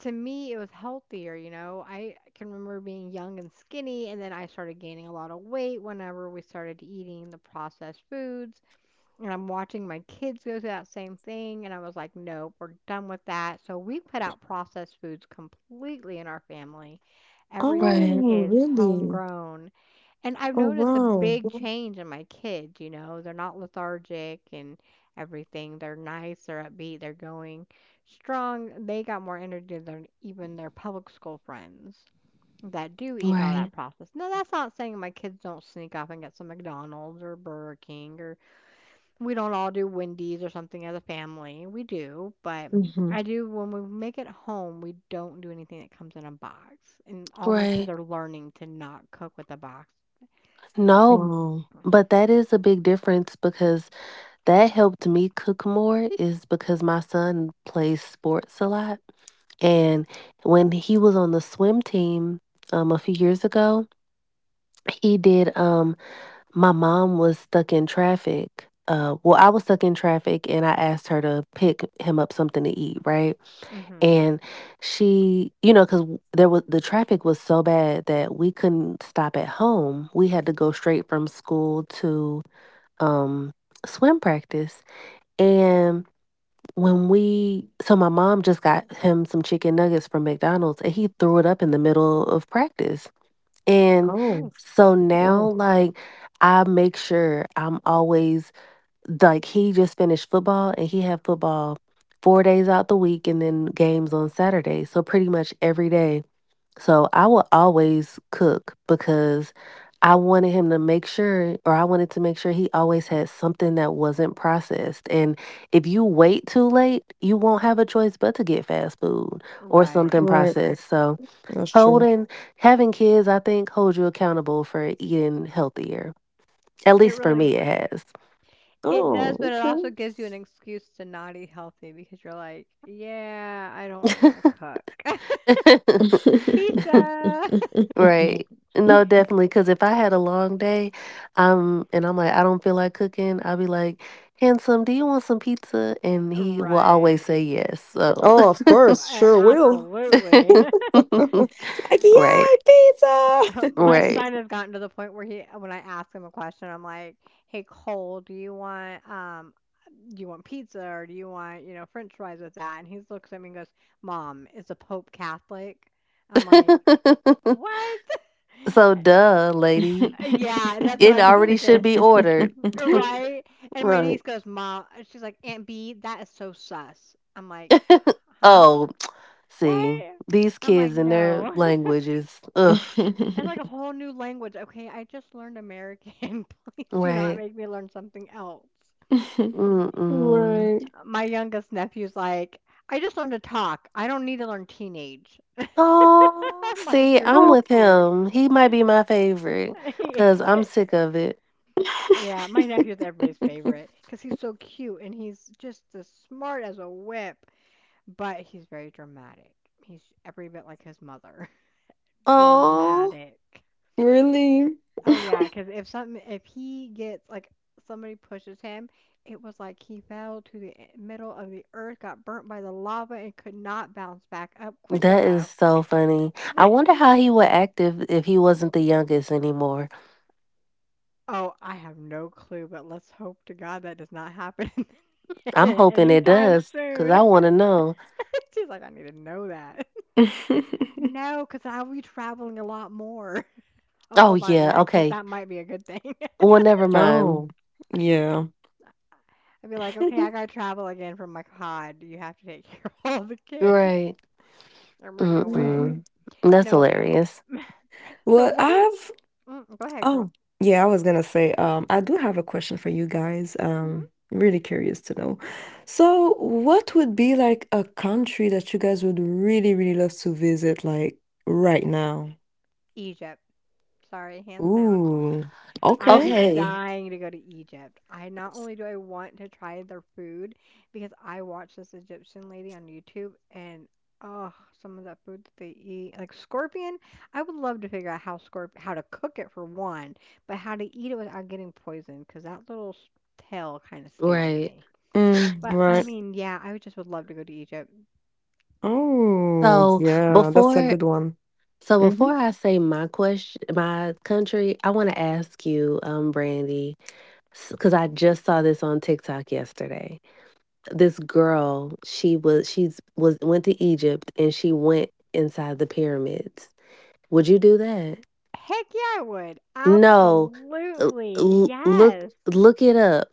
S1: to me, it was healthier, you know. I can remember being young and skinny, and then I started gaining a lot of weight whenever we started eating the processed foods. And I'm watching my kids go through that same thing, and I was like, "Nope, we're done with that." So we put out processed foods completely in our family. Everything
S3: right,
S4: Oh,
S1: is
S4: really?
S1: homegrown. And I've
S4: Oh,
S1: noticed a
S4: wow.
S1: big change in my kids, you know. They're not lethargic and everything. They're nice, they're upbeat, they're going strong. They got more energy than even their public school friends that do eat all
S3: right.
S1: that processed. Now, that's not saying my kids don't sneak off and get some McDonald's or Burger King or we don't all do Wendy's or something as a family. We do, but I
S4: Mhm.
S1: do when we make it home, we don't do anything that comes in a box. And all my kids
S3: Right.
S1: are learning to not cook with a box.
S3: No,
S4: Wow.
S3: but that is a big difference, because that helped me cook more. Is because my son plays sports a lot, and when he was on the swim team, a few years ago, he did, um my mom was stuck in traffic. Well, I was stuck in traffic, and I asked her to pick him up something to eat, right?
S1: Mhm.
S3: And she, because the traffic was so bad that we couldn't stop at home. We had to go straight from school to um, swim practice. And so my mom just got him some chicken nuggets from McDonald's, and he threw it up in the middle of practice. And
S4: Oh,
S1: Ooh,
S3: so now,
S4: wow.
S3: like, I make sure I'm always, like, he just finished football, and he had football 4 days out the week and then games on Saturday. So pretty much every day. So I will always cook, because I wanted him to make sure, or I wanted to make sure he always had something that wasn't processed. And if you wait too late, you won't have a choice but to get fast food or something
S1: right.
S4: Right.
S3: processed. So
S4: That's true.
S3: Holding, having kids, I think, holds you accountable for eating healthier. At
S1: It
S3: least for
S1: really
S3: me,
S1: d-
S3: it
S1: it
S4: Oh,
S1: does, but it also
S4: okay.
S1: gives you an excuse to not eat healthy because you're like, yeah, I don't really want to
S3: has.
S1: cook pizza.
S3: Right. No, definitely. Because if I had a long day, and I'm like, I don't feel like cooking, I'll be like, handsome, do you want some pizza? And he will always
S1: Right.
S3: say yes. So,
S4: Oh, of
S1: Oh,
S4: course.
S1: A-
S4: Sure will.
S1: absolutely.
S4: Like,
S3: right,
S4: yay, pizza!
S1: My
S3: right.
S1: son has gotten to the point where he, when I ask him a question, I'm like, "Hey Cole, do you want pizza or do you want you know French fries with that?" And he looks at me and goes, "Mom, is the Pope Catholic?" I'm like, "What?"
S3: So,
S1: I-
S3: duh, lady,
S1: Yeah, that's what
S3: it
S1: I'm
S3: already should
S1: thinking,
S3: be ordered.
S1: right? And my
S4: Right.
S1: niece goes, "Mom," she's like, "Aunt B, that is so sus." I'm like, "Huh?
S3: Oh, see,
S1: What?"
S3: these
S1: I'm like,
S3: kids and their
S1: "No."
S3: languages. Ugh.
S1: It's like a whole new language. Okay, I just learned American. Please do not
S3: Right.
S1: make me learn something else.
S3: Mm-mm.
S4: Right.
S1: My youngest nephew's like, I just learned to talk. I don't need to learn teenage.
S3: Oh,
S1: I'm like,
S3: see,
S1: you're
S3: I'm
S1: so
S4: Oh,
S3: with
S1: cute.
S3: him. He might be my favorite, because I'm
S1: He-
S3: sick of it.
S1: Yeah, my nephew's everybody's favorite because he's so cute and he's just as smart as a whip, but he's very dramatic. He's every bit like his mother.
S3: Oh,
S1: Dramatic.
S4: really?
S1: Oh yeah, because if he gets like somebody pushes him, it was like he fell to middle of the earth, got burnt by the lava, and could not bounce back up quick
S3: that is
S1: enough.
S3: so funny. I wonder how he would act if he wasn't the youngest anymore.
S1: Oh, I have no clue, but let's hope to God that does not happen
S3: I'm hoping it
S1: anytime
S3: does because
S1: soon.
S3: I want to know.
S1: She's like, I need to know that. No, because I'll be traveling a lot more. Oh,
S3: Oh,
S1: hold on. In
S3: yeah.
S1: that case,
S3: Okay.
S1: that might be a good thing.
S3: Well, never mind.
S4: Oh, yeah.
S1: I'd be like, okay, I gotta travel again from my pod. You have to take care of all the kids.
S3: Right.
S1: I'm running
S4: Mhm.
S1: away.
S3: Mm-mm. That's
S1: No.
S3: hilarious.
S1: So
S4: Well,
S1: what is?
S4: I've
S1: Mm, go ahead, girl.
S4: oh, yeah, I was gonna say, I do have a question for you guys.
S1: Hmm
S4: I'm really curious to know. So, what would be like a country that you guys would really, really love to visit, like right now?
S1: Egypt. Sorry, hands down.
S4: Ooh,
S1: I
S4: okay.
S1: am
S3: Okay.
S1: dying to go to Egypt. I not only do I want to try their food because I watched this Egyptian lady on YouTube and, oh, some of that food that they eat, like scorpion. I would love to figure out how to cook it for one, but how to eat it without getting poisoned because that little tail kind of scares
S3: Right.
S1: me.
S4: Mm,
S1: But I
S4: right.
S1: mean, yeah, I would just would love to go to Egypt.
S4: Oh,
S3: So
S4: yeah, that's a
S3: before
S4: good one.
S3: so
S4: Mm-hmm.
S3: before I say my country, I want to ask you, Brandy, because I just saw this on TikTok yesterday. This girl, she was she's was went to Egypt, and she went inside the pyramids. Would you do that?
S1: Heck yeah, I would.
S3: No, l-
S1: Absolutely.
S3: look
S1: Yes.
S3: look it up,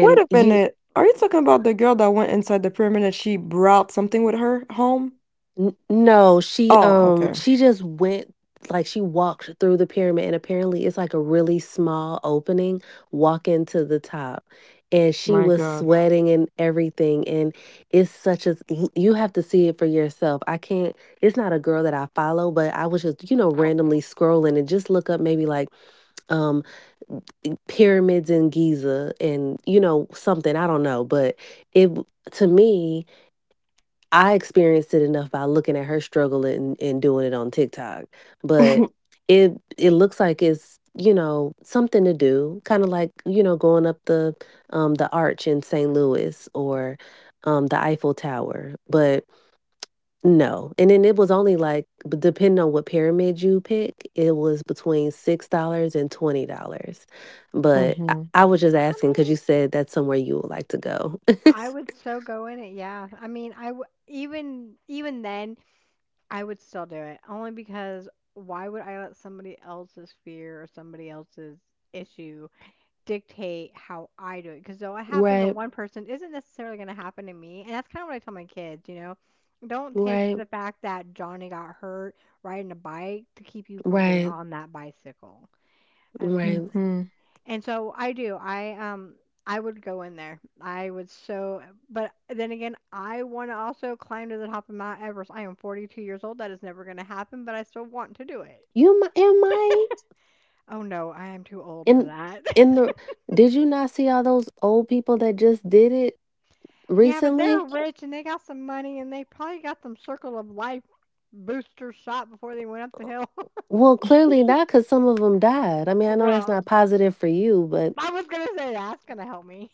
S4: Wait a
S3: you
S4: minute. Are you talking about the girl that went inside the pyramid and she brought something with her home?
S3: No, she,
S4: Oh,
S3: um,
S4: okay.
S3: she just went, like she walked through the pyramid, and apparently it's like a really small opening, walking to the top, and she
S4: My
S3: was
S4: God.
S3: sweating and everything. And it's such a you have to see it for yourself. I can't. It's not a girl that I follow, but I was just randomly scrolling and just look up maybe like um pyramids in Giza, and you know something I don't know. But it w- to me, I experienced it enough by looking at her struggle, and doing it on TikTok. But it looks like it's, something to do. Kind of like, going up the arch in St. Louis or the Eiffel Tower. But no. And then it was only like depending on what pyramid you pick, it was between $6 and $20. But I,
S4: Mhm.
S3: I was just
S1: I
S3: asking because you
S1: mean,
S3: said that's somewhere you would like to go.
S1: I would so go in it. Yeah. I mean, even then, I would still do it only because why would I let somebody else's fear or somebody else's issue dictate how I do it? Because though it happens to
S3: Right,
S1: one person, isn't necessarily going to happen to me. And that's kind of what I tell my kids. You know, don't take
S3: right,
S1: the fact that Johnny got hurt riding a bike to keep you from getting
S3: right,
S1: on that bicycle. I was like.
S3: right.
S4: Mhm.
S1: And so I do. I would go in there. I would but then again, I want to also climb to the top of Mount Everest. I am 42 years old. That is never going to happen, but I still want to do it.
S3: You mi am I
S1: Oh no, I am too old for
S3: In
S1: that.
S3: in the did you not see all those old people that just did it
S1: yeah, but they're
S3: recently?
S1: rich and they got some money and they probably got some circle of life booster shot before they went up the hill.
S3: Well, clearly not, cause some of them died. I mean, I know that's
S1: well,
S3: not positive for you, but
S1: I was going to say that's going to help me.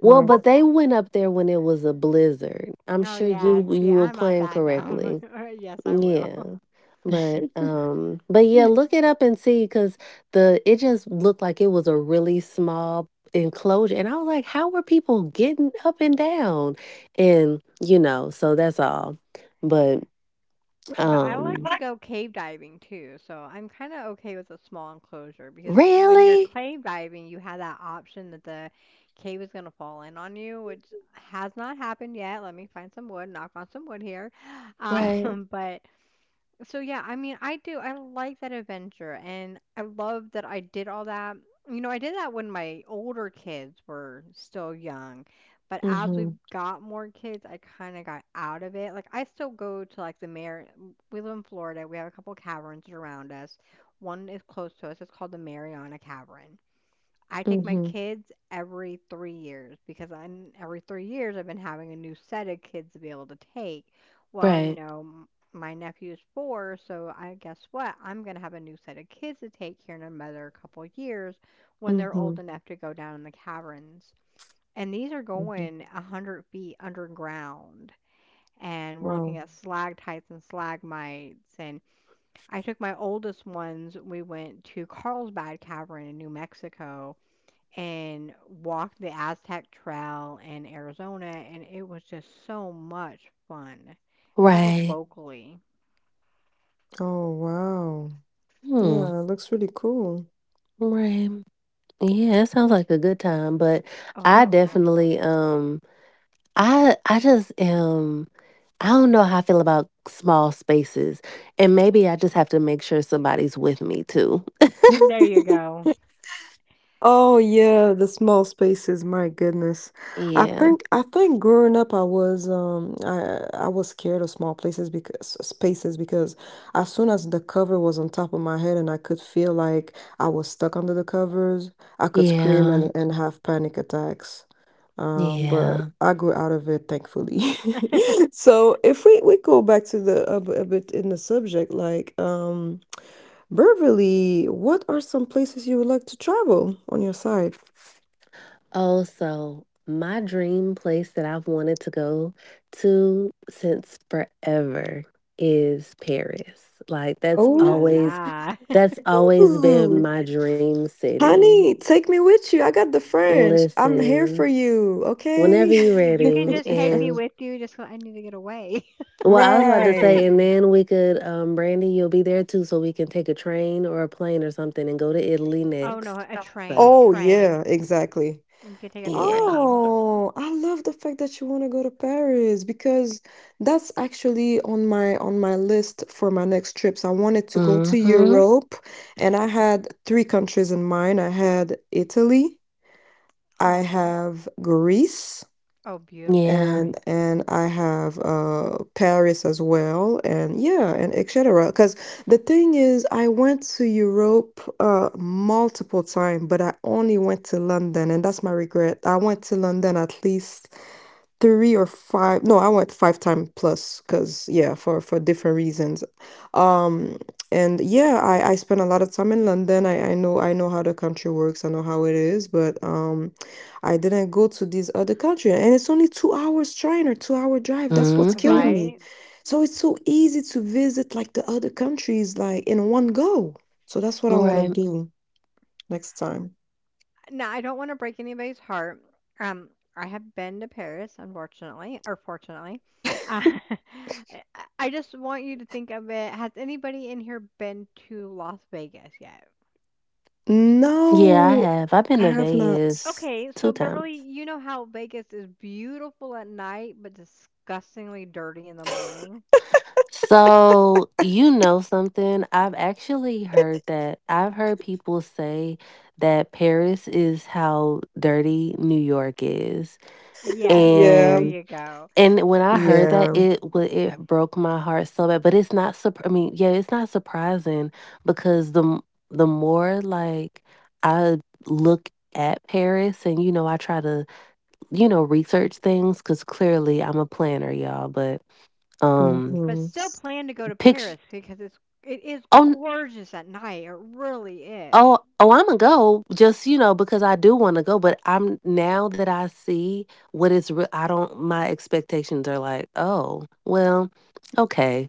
S3: well,
S4: Right.
S3: but they went up there when it was a blizzard. I'm
S1: Oh
S3: sure
S1: yeah,
S3: you
S1: see,
S3: you were
S1: I'm not
S3: playing
S1: that dumb.
S3: correctly.
S1: yes, I will.
S3: Yeah. But yeah, look it up and see, cuz the it just looked like it was a really small enclosure, and I was like, how were people getting up and down? And so that's all. But
S1: But I like
S3: um
S1: to go cave diving too, so I'm kinda okay with a small enclosure because when you're
S3: really?
S1: cave diving, you have that option that the cave is gonna fall in on you, which has not happened yet. Let me find some wood, knock on some wood here.
S3: Right.
S1: But so yeah, I mean, I do. I like that adventure and I love that I did all that. You know, I did that when my older kids were still young, but as we
S4: Mhm.
S1: got more kids, I kind of got out of it. Like I still go to like the Mar— we live in Florida. We have a couple caverns around us. One is close to us. It's called the Mariana Cavern. I take my
S4: Mhm.
S1: kids every 3 years because I every 3 years I've been having a new set of kids to be able to take. Well, you
S3: Right.
S1: know, my nephew is four, so I guess what? I'm gonna have a new set of kids to take here in another couple years when they're old
S4: Mhm.
S1: enough to go down in the caverns. And these are
S4: Mhm.
S1: going 100 feet underground. And we're looking
S4: Wow.
S1: at stalactites and stalagmites. And I took my oldest ones. We went to Carlsbad Cavern in New Mexico and walked the Aztec Trail in Arizona, and it was just so much fun. And that was, mhm,
S3: Right.
S1: locally.
S4: Oh, wow.
S3: Hmm.
S4: Yeah, it looks really cool.
S3: Right. Yeah, that sounds like a good time, but
S1: Oh,
S3: I
S1: absolutely.
S3: definitely I just am I don't know how I feel about small spaces. And maybe I just have to make sure somebody's with me too.
S1: There you go.
S4: Oh yeah, the small spaces, my goodness. I
S3: Yeah.
S4: think I think growing up I was scared of small places, because spaces, because as soon as the cover was on top of my head and I could feel like I was stuck under the covers, I could scream
S3: Yeah.
S4: and have panic attacks. But
S3: Yeah.
S4: I grew out of it, thankfully. So if we go back to a bit in the subject, like, Beverly, what are some places you would like to travel on your side?
S3: Oh, so my dream place that I've wanted to go to since forever is Paris. Like, that's
S1: Oh
S4: Oh,
S1: la
S3: always
S1: la.
S3: that's always been my dream city.
S4: honey, take me with you. I got the French. I'm here for
S3: Listen,
S4: you,
S3: whenever
S4: okay?
S3: you're
S1: You can
S3: ready,
S1: just take me
S3: and
S1: with you just 'cause I need to get away.
S3: Well, I was about to say,
S4: Right.
S3: and then we could, Brandy, you'll be there too, so we can take a train or a plane or something and go to Italy
S1: Oh no,
S3: next.
S1: a train,
S3: So,
S4: Oh,
S1: train.
S4: yeah, exactly.
S1: We could take a
S3: yeah.
S1: train.
S4: Oh, I love the fact that you want to go to Paris because that's actually on my list for my next trips. I wanted to go to
S3: Mm-hmm.
S4: Europe and I had three countries in mind. I had Italy. I
S1: Oh.
S4: have Greece
S1: Oh, beautiful
S3: Yeah.
S4: and
S1: country.
S4: and I have Paris as well, and yeah, and etc. Because the thing is, I went to Europe multiple times, but I only went to London, and that's my regret. I went to London at least three or five. No, I went five time plus, because yeah, for different reasons. um and yeah, I spent a lot of time in London. I know, I know how the country works, I know how it is, but I didn't go to these other country, and it's only 2 hours train or 2 hour drive, that's what's killing
S3: Mm-hmm.
S4: me.
S1: Right?
S4: So it's so easy to visit like the other countries, like in one go. So that's what I want to
S3: Right.
S4: do next time.
S1: Now I don't want to break anybody's heart. Um, I have been to Paris, unfortunately, or fortunately. Uh, I I just want you to think of it. Has anybody in here been to Las Vegas yet?
S3: Yeah, I
S4: No,
S3: have. I've been
S4: I
S3: to
S4: have not.
S3: Vegas
S1: Okay,
S3: two
S1: so
S3: times.
S1: Beverly, you know how Vegas is beautiful at night, but disgustingly dirty in the morning?
S3: So, you know something? I've actually heard that. I've heard people say that Paris is how dirty New York is.
S1: Yes,
S4: Yeah.
S1: there
S3: And
S1: you go.
S3: And when I heard that,
S4: Yeah.
S3: it broke my heart so bad, but it's not surp I mean, yeah, it's not surprising, because the more, like, I look at Paris, and, I try to, research things because clearly I'm a planner, y'all, but, um,
S1: But
S4: Mhm.
S1: still plan to go to
S3: picture
S1: Paris because it is
S3: oh,
S1: gorgeous at night. It really is.
S3: Oh, Imma go just, because I do wanna go, but I'm now that I see what it's re I don't my expectations are like, "Oh, well, okay."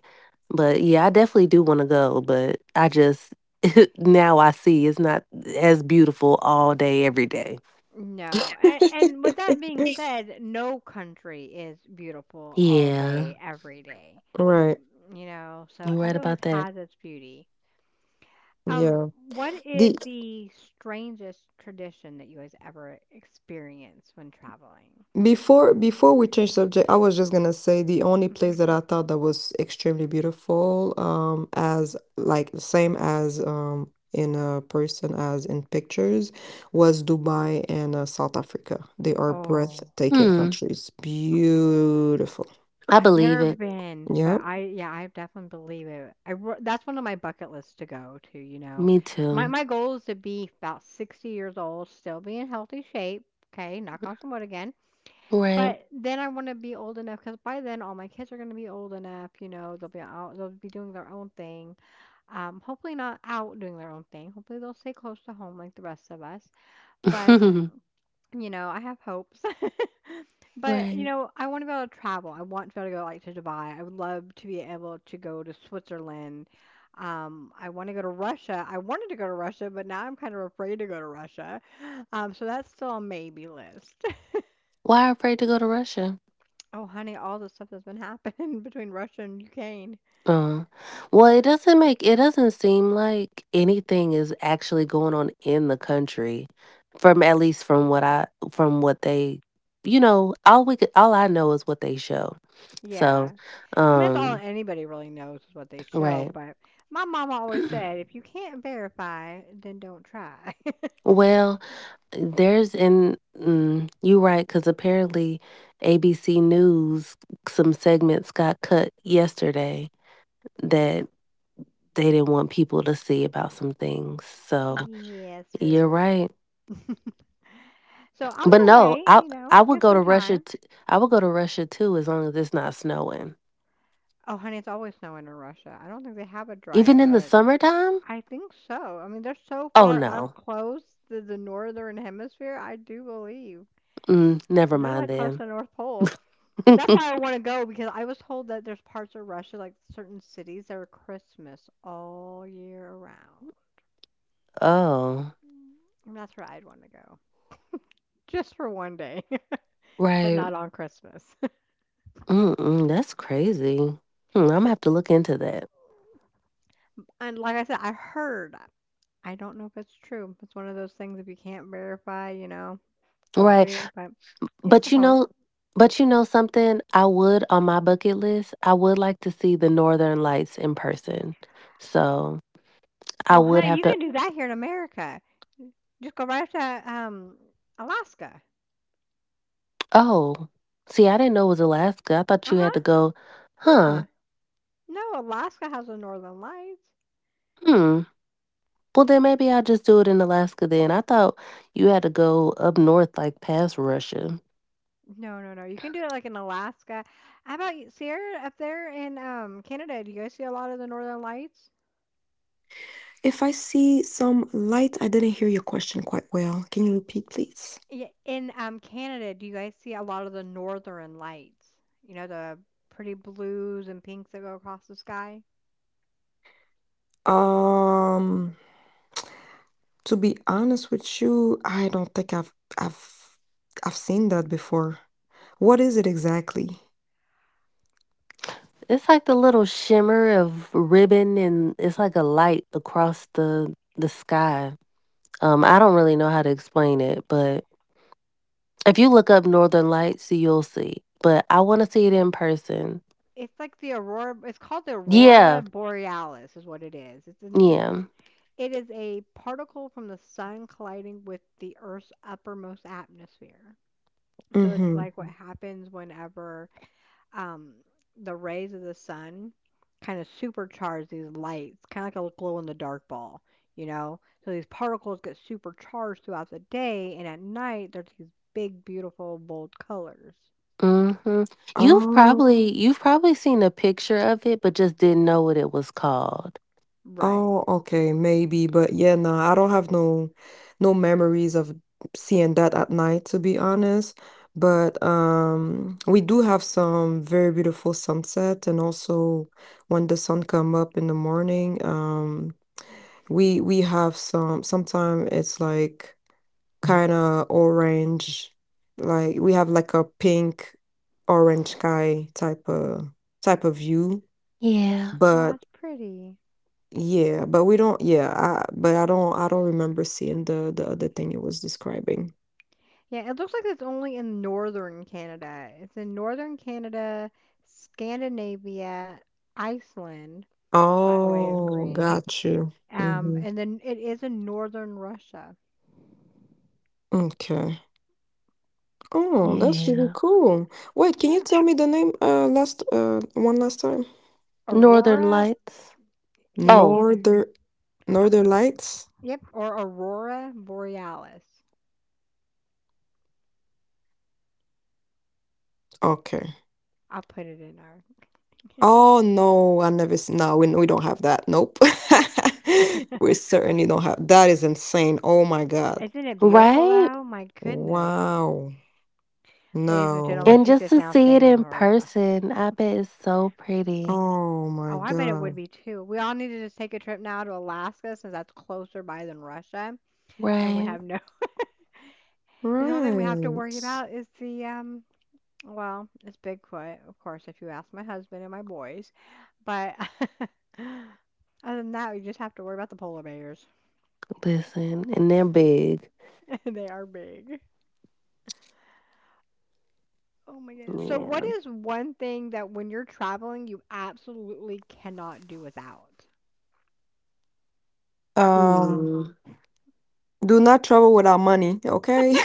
S3: But, yeah, I definitely do wanna go, but I just now I see it's not as beautiful all day, every day.
S1: No. And with that being said, no country is beautiful all
S3: Yeah,
S1: day, every day.
S4: Right.
S1: You know, so
S3: you're right
S1: every
S3: about
S1: place
S3: that.
S1: has its beauty. Um,
S4: Yeah.
S1: what
S4: The
S1: is the strangest tradition that you guys ever experienced when traveling?
S4: before before we change subject, I was just gonna say the only
S1: Mhm.
S4: place that I thought that was extremely beautiful, as like same as in a person as in pictures, was Dubai and South Africa. They are
S1: Oh,
S4: breathtaking
S3: Hmm,
S4: countries. Beautiful.
S3: I
S1: I've, yeah,
S3: believe
S1: never
S3: it.
S1: been,
S4: Yeah.
S1: but I, yeah, I definitely believe it. That's one of my bucket lists to go to, you know.
S3: Me
S1: My
S3: too.
S1: my goal is to be about 60 years old, still be in healthy shape, okay, knock on some wood again.
S3: Right.
S1: But then I want to be old enough because by then all my kids are going to be old enough. You know, they'll be out, they'll be doing their own thing. Hopefully not out doing their own thing. Hopefully they'll stay close to home like the rest of us. But you know, I have hopes. but
S3: Right.
S1: I want to be able to travel. I want to be able to go like to Dubai. I would love to be able to go to Switzerland. I want to go to Russia. I wanted to go to Russia, but now I'm kind of afraid to go to Russia. So that's still a maybe list.
S3: Why afraid to go to Russia?
S1: Oh, honey, all the stuff that's been happening between Russia and Ukraine.
S3: Uh, well, it doesn't seem like anything is actually going on in the country, from at least, from what they, all we could all I know is what they show. So,
S1: Yeah. I mean, that's all
S3: um,
S1: anybody really knows is what they show,
S3: right.
S1: but my mama always said, if you can't verify, then don't try.
S3: Well, you right, because apparently ABC News, some segments got cut yesterday that they didn't want people to see about some things. So
S1: yeah,
S3: you're
S1: so.
S3: right.
S1: So I'm going
S3: But
S1: to
S3: no,
S1: wait,
S3: I I would
S1: get
S3: go
S1: some
S3: to Russia.
S1: time.
S3: I would go to Russia too, as long as it's not snowing.
S1: Oh, honey, it's always snowing in Russia. I don't think they have a dry,
S3: Even in the
S1: or
S3: summertime?
S1: I think so. I mean, they're so
S3: Oh
S1: far up
S3: no,
S1: close to the northern hemisphere, I do believe.
S3: never
S1: They're
S3: mind
S1: like close to
S3: then.
S1: the North Pole. That's why I want to go because I was told that there's parts of Russia, like certain cities, that are Christmas all year around.
S3: Oh,
S1: And that's where I'd want to go. Just for one day, but
S3: right.
S1: not on Christmas.
S3: Mm-mm, that's crazy. I'm gonna
S1: But
S3: have to look into that.
S1: and like I said, I heard. I don't know if it's true. It's one of those things if you can't verify, don't
S3: Right,
S1: do, but it's
S3: but
S1: a
S3: you
S1: hope.
S3: know, but you know something. I would on my bucket list. I would like to see the Northern Lights in person. So I
S1: Well,
S3: would
S1: honey,
S3: have
S1: you
S3: to.
S1: can do that here in America. Just go right up to Alaska.
S3: Oh, see, I didn't know it was Alaska. I thought you had
S1: Uh-huh.
S3: to go. Huh.
S1: No, Alaska has the Northern Lights.
S3: Hmm. Well, then maybe I'll just do it in Alaska then. I thought you had to go up north, like past Russia.
S1: No, no, no. You can do it like in Alaska. How about you, Sierra up there in Canada? Do you guys see a lot of the Northern Lights?
S4: If I see some light, I didn't hear your question quite well. Can you repeat, please?
S1: Yeah, in Canada, do you guys see a lot of the Northern Lights? You know, the pretty blues and pinks that go across the sky.
S4: Um. To be honest with you, I don't think I've seen that before. What is it exactly?
S3: It's like the little shimmer of ribbon, and it's like a light across the sky. I don't really know how to explain it, but if you look up Northern Lights, you'll see. But I want to see it in person.
S1: It's like the aurora. It's called the aurora
S3: Yeah,
S1: borealis, is what it is. It's an, it,
S3: yeah.
S1: it is a particle from the sun colliding with the Earth's uppermost atmosphere. So it's like what happens whenever um, the rays of the sun kind of supercharge these lights, kind of like a glow in the dark ball, you know? So these particles get supercharged throughout the day, and at night, there's these big, beautiful, bold colors.
S3: Mhm. You've
S4: Mm-hmm.
S3: probably you've probably seen a picture of it, but just didn't know what it was called.
S1: Right.
S4: Oh, okay, maybe, but yeah, no, I don't have no memories of seeing that at night, to be honest. But we do have some very beautiful sunset, and also when the sun come up in the morning. We have some. Sometimes it's like kind of orange, like we have like a pink, orange sky type of view,
S3: Yeah,
S1: Oh,
S4: but
S1: that's pretty.
S4: yeah, but we don't. Yeah, I don't remember seeing the other thing it was describing.
S1: Yeah, it looks like it's only in northern Canada. It's in northern Canada, Scandinavia, Iceland, which by the way is
S4: Oh,
S1: green.
S4: got you. Mhm.
S1: And then it is in northern Russia.
S4: Okay. Oh, that's really
S3: yeah.
S4: cool. Wait, can you
S1: Yeah.
S4: tell me the name last one last time?
S3: Northern
S1: Aurora,
S3: Lights.
S1: yeah,
S3: Oh,
S1: either.
S4: Northern Northern Lights?
S1: Yep, or aurora borealis.
S4: Okay.
S1: I'll put it in
S4: Oh no, I never seen. No, we don't have that. Nope.
S1: our.
S4: We certainly don't have that, is insane. Oh my God.
S1: Isn't it beautiful
S3: right?
S1: though? My goodness.
S4: Wow.
S1: Ladies and gentlemen,
S4: No.
S3: And
S1: she's
S3: just
S1: just
S3: to
S1: now
S3: see it
S1: seeing
S3: in
S1: her.
S3: person, I bet it's so pretty.
S4: Oh my
S1: Oh, I bet it would
S4: God.
S1: be too. We all need to just take a trip now to Alaska since that's closer by than Russia. And we
S3: Right?
S1: have no. And the only thing we have to
S4: Right.
S1: worry about is the, well, it's Bigfoot, of course, if you ask my husband and my boys. But other than that, we just have to worry about the polar bears.
S3: Listen, and they're big.
S1: They are big. Oh my goodness. So what
S3: Yeah.
S1: is one thing that when you're traveling you absolutely cannot do without?
S4: Um,
S3: Hmm.
S4: do not travel without money, okay?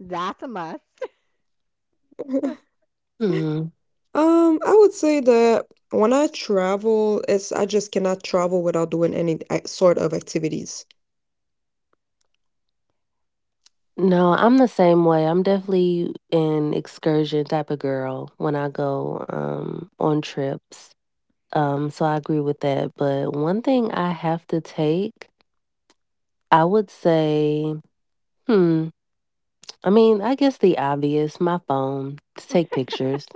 S1: That's a must.
S3: Mm.
S4: I would say that when I travel, it's I just cannot travel without doing any sort of activities.
S3: No, I'm the same way. I'm definitely an excursion type of girl when I go, on trips. So I agree with that, but one thing I have to take, I would say, hmm, I guess the obvious, my phone to take pictures.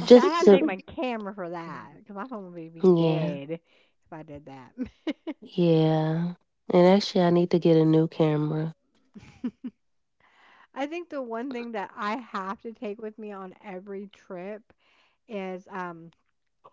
S1: Well, see, I
S3: Just
S1: have to take
S3: to
S1: my camera for that because my phone would be
S3: Yeah,
S1: dead if I did that.
S3: yeah. And actually, I need to get a new camera.
S1: I think the one thing that I have to take with me on every trip is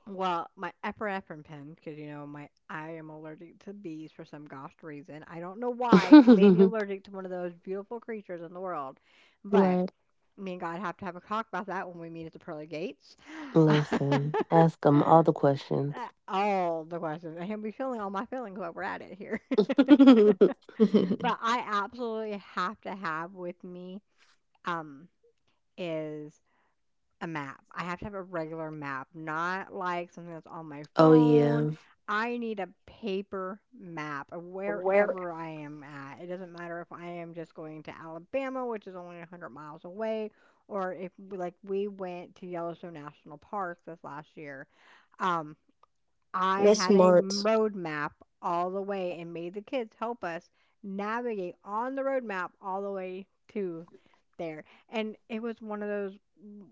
S1: well, my epinephrine pen, because you know my I am allergic to bees for some gosh reason. I don't know why he made me allergic to one of those beautiful creatures in the world, but
S3: Right.
S1: me and God have to have a talk about that when we meet at the pearly gates.
S3: Listen, ask them all the questions.
S1: All the questions, and he'll be feeling all my feelings while we're at it here. but I absolutely have to have with me um is a map. I have to have a regular map, not like something that's on my
S3: Oh,
S1: phone.
S3: yeah.
S1: I need a paper map of wherever I am at. It doesn't matter if I am just going to Alabama, which is only 100 miles away, or if like we went to Yellowstone National Park this last year. Um, I
S4: That's
S1: had a
S4: smart.
S1: road map all the way and made the kids help us navigate on the road map all the way to there. And it was one of those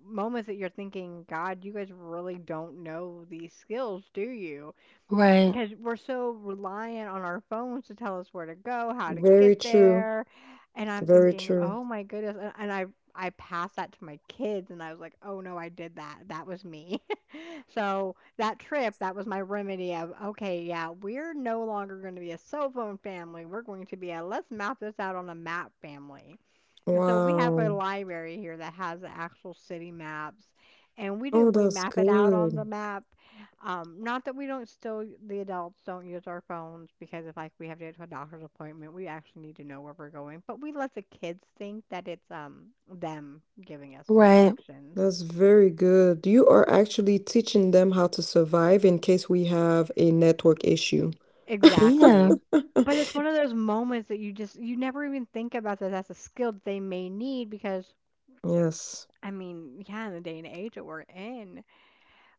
S1: moments that you're thinking, God, you guys really don't know these skills, do you?
S3: Right.
S1: Because we're so reliant on our phones to tell us where to go, how to get
S4: Very true.
S1: there. And I'm
S4: Very
S1: thinking,
S4: true.
S1: oh my goodness. And I passed that to my kids and I was like, oh no, I did that. That was me. So that trip, that was my remedy of, okay, yeah, we're no longer going to be a cell phone family. We're going to be a let's map this out on a map family. And so we have a
S4: Wow.
S1: library here that has the actual city maps. And we do,
S4: Oh,
S1: we
S4: that's
S1: map it out on the
S4: good.
S1: map. Not that we don't still, the adults don't use our phones because if like we have to get to a doctor's appointment, we actually need to know where we're going. But we let the kids think that it's them giving us the
S3: Right.
S1: directions.
S4: That's very good. You are actually teaching them how to survive in case we have a network issue.
S1: Exactly.
S3: Yeah.
S1: But it's one of those moments that you just you never even think about that that's a skill that they may need because
S4: Yes.
S1: I mean, yeah, in the day and age that we're in.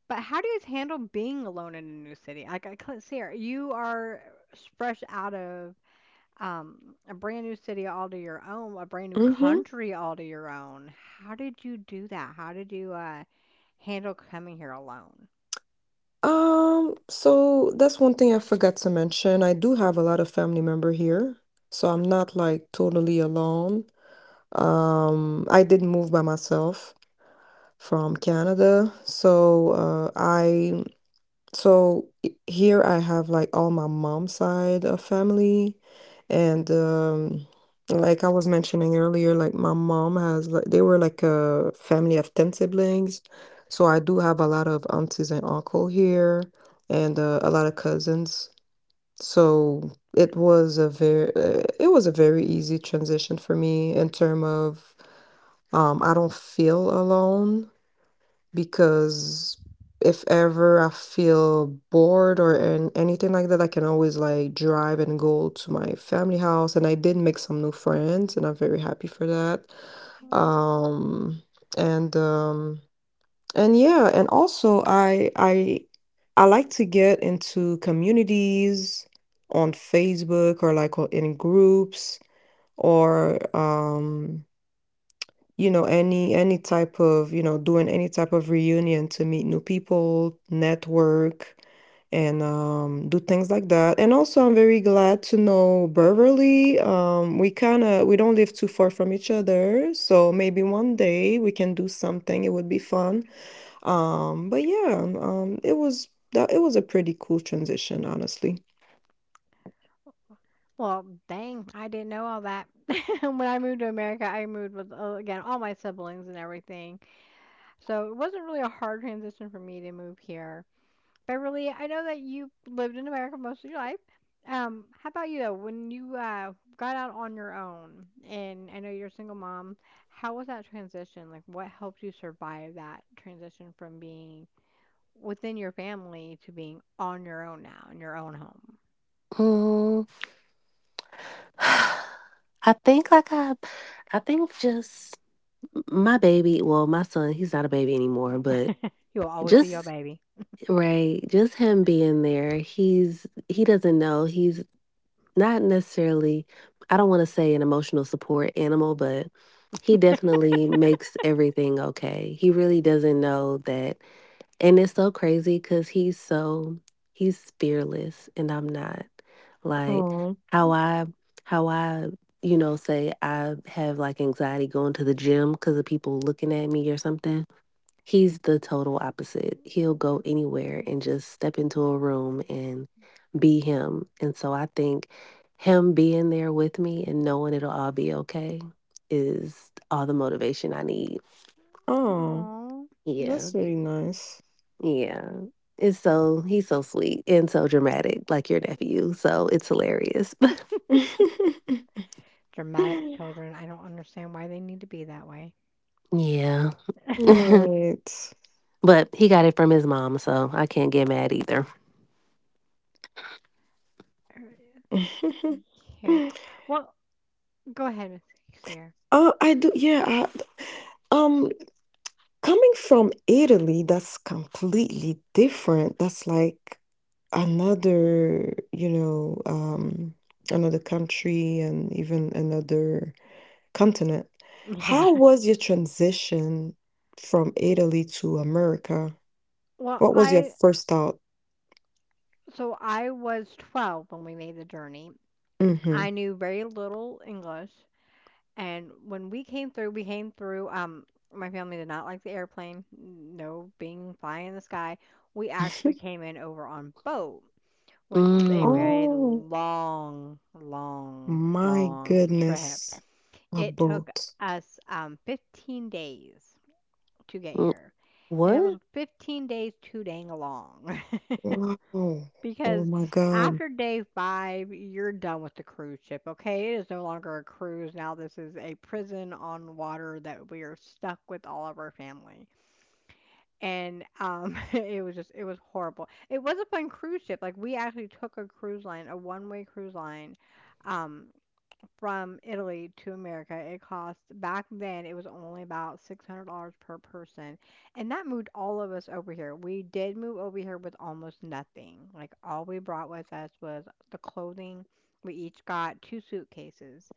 S1: But how do you guys handle being alone in a new city? Like, I can't see her. You are fresh out of a brand new city all to your own, a brand new
S4: Mm-hmm.
S1: country all to your own. How did you do that? How did you handle coming here alone?
S4: So that's one thing I forgot to mention. I do have a lot of family member here, so I'm not like totally alone. I did move by myself from Canada. So here I have like all my mom's side of family, and like I was mentioning earlier, like my mom has like they were like a family of 10 siblings. So I do have a lot of aunties and uncle here and a lot of cousins. So it was a very easy transition for me in term of, I don't feel alone, because if ever I feel bored or an anything like that, I can always like drive and go to my family house. And I did make some new friends, and I'm very happy for that. Um, and um, and yeah, and also I like to get into communities on Facebook or in groups, or any type of, doing any type of reunion to meet new people, network. And, do things like that. And also I'm very glad to know Beverly. We kind of, we don't live too far from each other, so maybe one day we can do something. It would be fun. But yeah, it was a pretty cool transition, honestly.
S1: Well, dang, I didn't know all that. When I moved to America, I moved with, again, all my siblings and everything. So it wasn't really a hard transition for me to move here. Beverly, I know that you lived in America most of your life. How about you though? When you got out on your own, and I know you're a single mom, how was that transition? Like, what helped you survive that transition from being within your family to being on your own now in your own home?
S3: Mm. I think like I I think just my baby, well, my son, he's not a baby anymore, but
S1: You will always be your
S3: just
S1: baby.
S3: right, just him being there, he's he doesn't know. He's not necessarily, I don't want to say an emotional support animal, but he definitely makes everything okay. He really doesn't know that. And it's so crazy because he's so he's fearless and I'm not. Like
S4: Oh,
S3: how I how I, you know, say I have like anxiety going to the gym because of people looking at me or something. He's the total opposite. He'll go anywhere and just step into a room and be him. And so I think him being there with me and knowing it'll all be okay is all the motivation I need.
S4: oh,
S1: Aw.
S3: Yeah.
S4: that's really nice.
S3: Yeah. It's so he's so sweet and so dramatic, like your nephew, so it's hilarious.
S1: Dramatic children. I don't understand why they need to be that way.
S3: Yeah.
S4: Right.
S3: But he got it from his mom, so I can't get mad either.
S1: Here. Well, go ahead, Miss Sierra.
S4: Oh, I do, yeah, I um, coming from Italy, that's completely different. That's like another you know another country, and even another continent.
S1: Yeah.
S4: How was your transition from Italy to America?
S1: Well,
S4: What was your
S1: I
S4: first thought?
S1: So I was 12 when we made the journey.
S4: Mm-hmm.
S1: I knew very little English, and when we came through, we came through. My family did not like the airplane. No, being flying in the sky. We actually came in over on boat, which was a
S3: Mm.
S1: very
S4: Oh
S1: long, long,
S4: my
S1: long trip.
S4: goodness, a
S1: It took
S4: boat.
S1: us 15 days to get
S3: Mm,
S1: here. And it was
S3: what?
S1: 15 days too dang long.
S4: Wow. Oh
S1: Because
S4: my God.
S1: after day five, you're done with the cruise ship, okay? It is no longer a cruise. Now, this is a prison on water that we are stuck with all of our family, and it was just it was horrible. It was a fun cruise ship. Like, we actually took a cruise line, a one-way cruise line, um from Italy to America. It cost back then, it was only about $600 per person, and that moved all of us over here. We did move over here with almost nothing. Like, all we brought with us was the clothing. We each got two suitcases.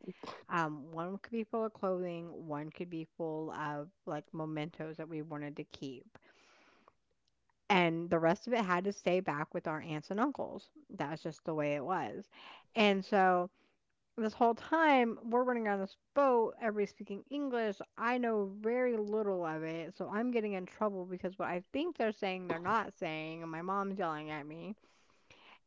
S1: One could be full of clothing, one could be full of like mementos that we wanted to keep, and the rest of it had to stay back with our aunts and uncles. That's just the way it was. And so this whole time we're running on this boat, everybody's speaking English. I know very little of it, so I'm getting in trouble because what I think they're saying, they're not saying, and my mom's yelling at me.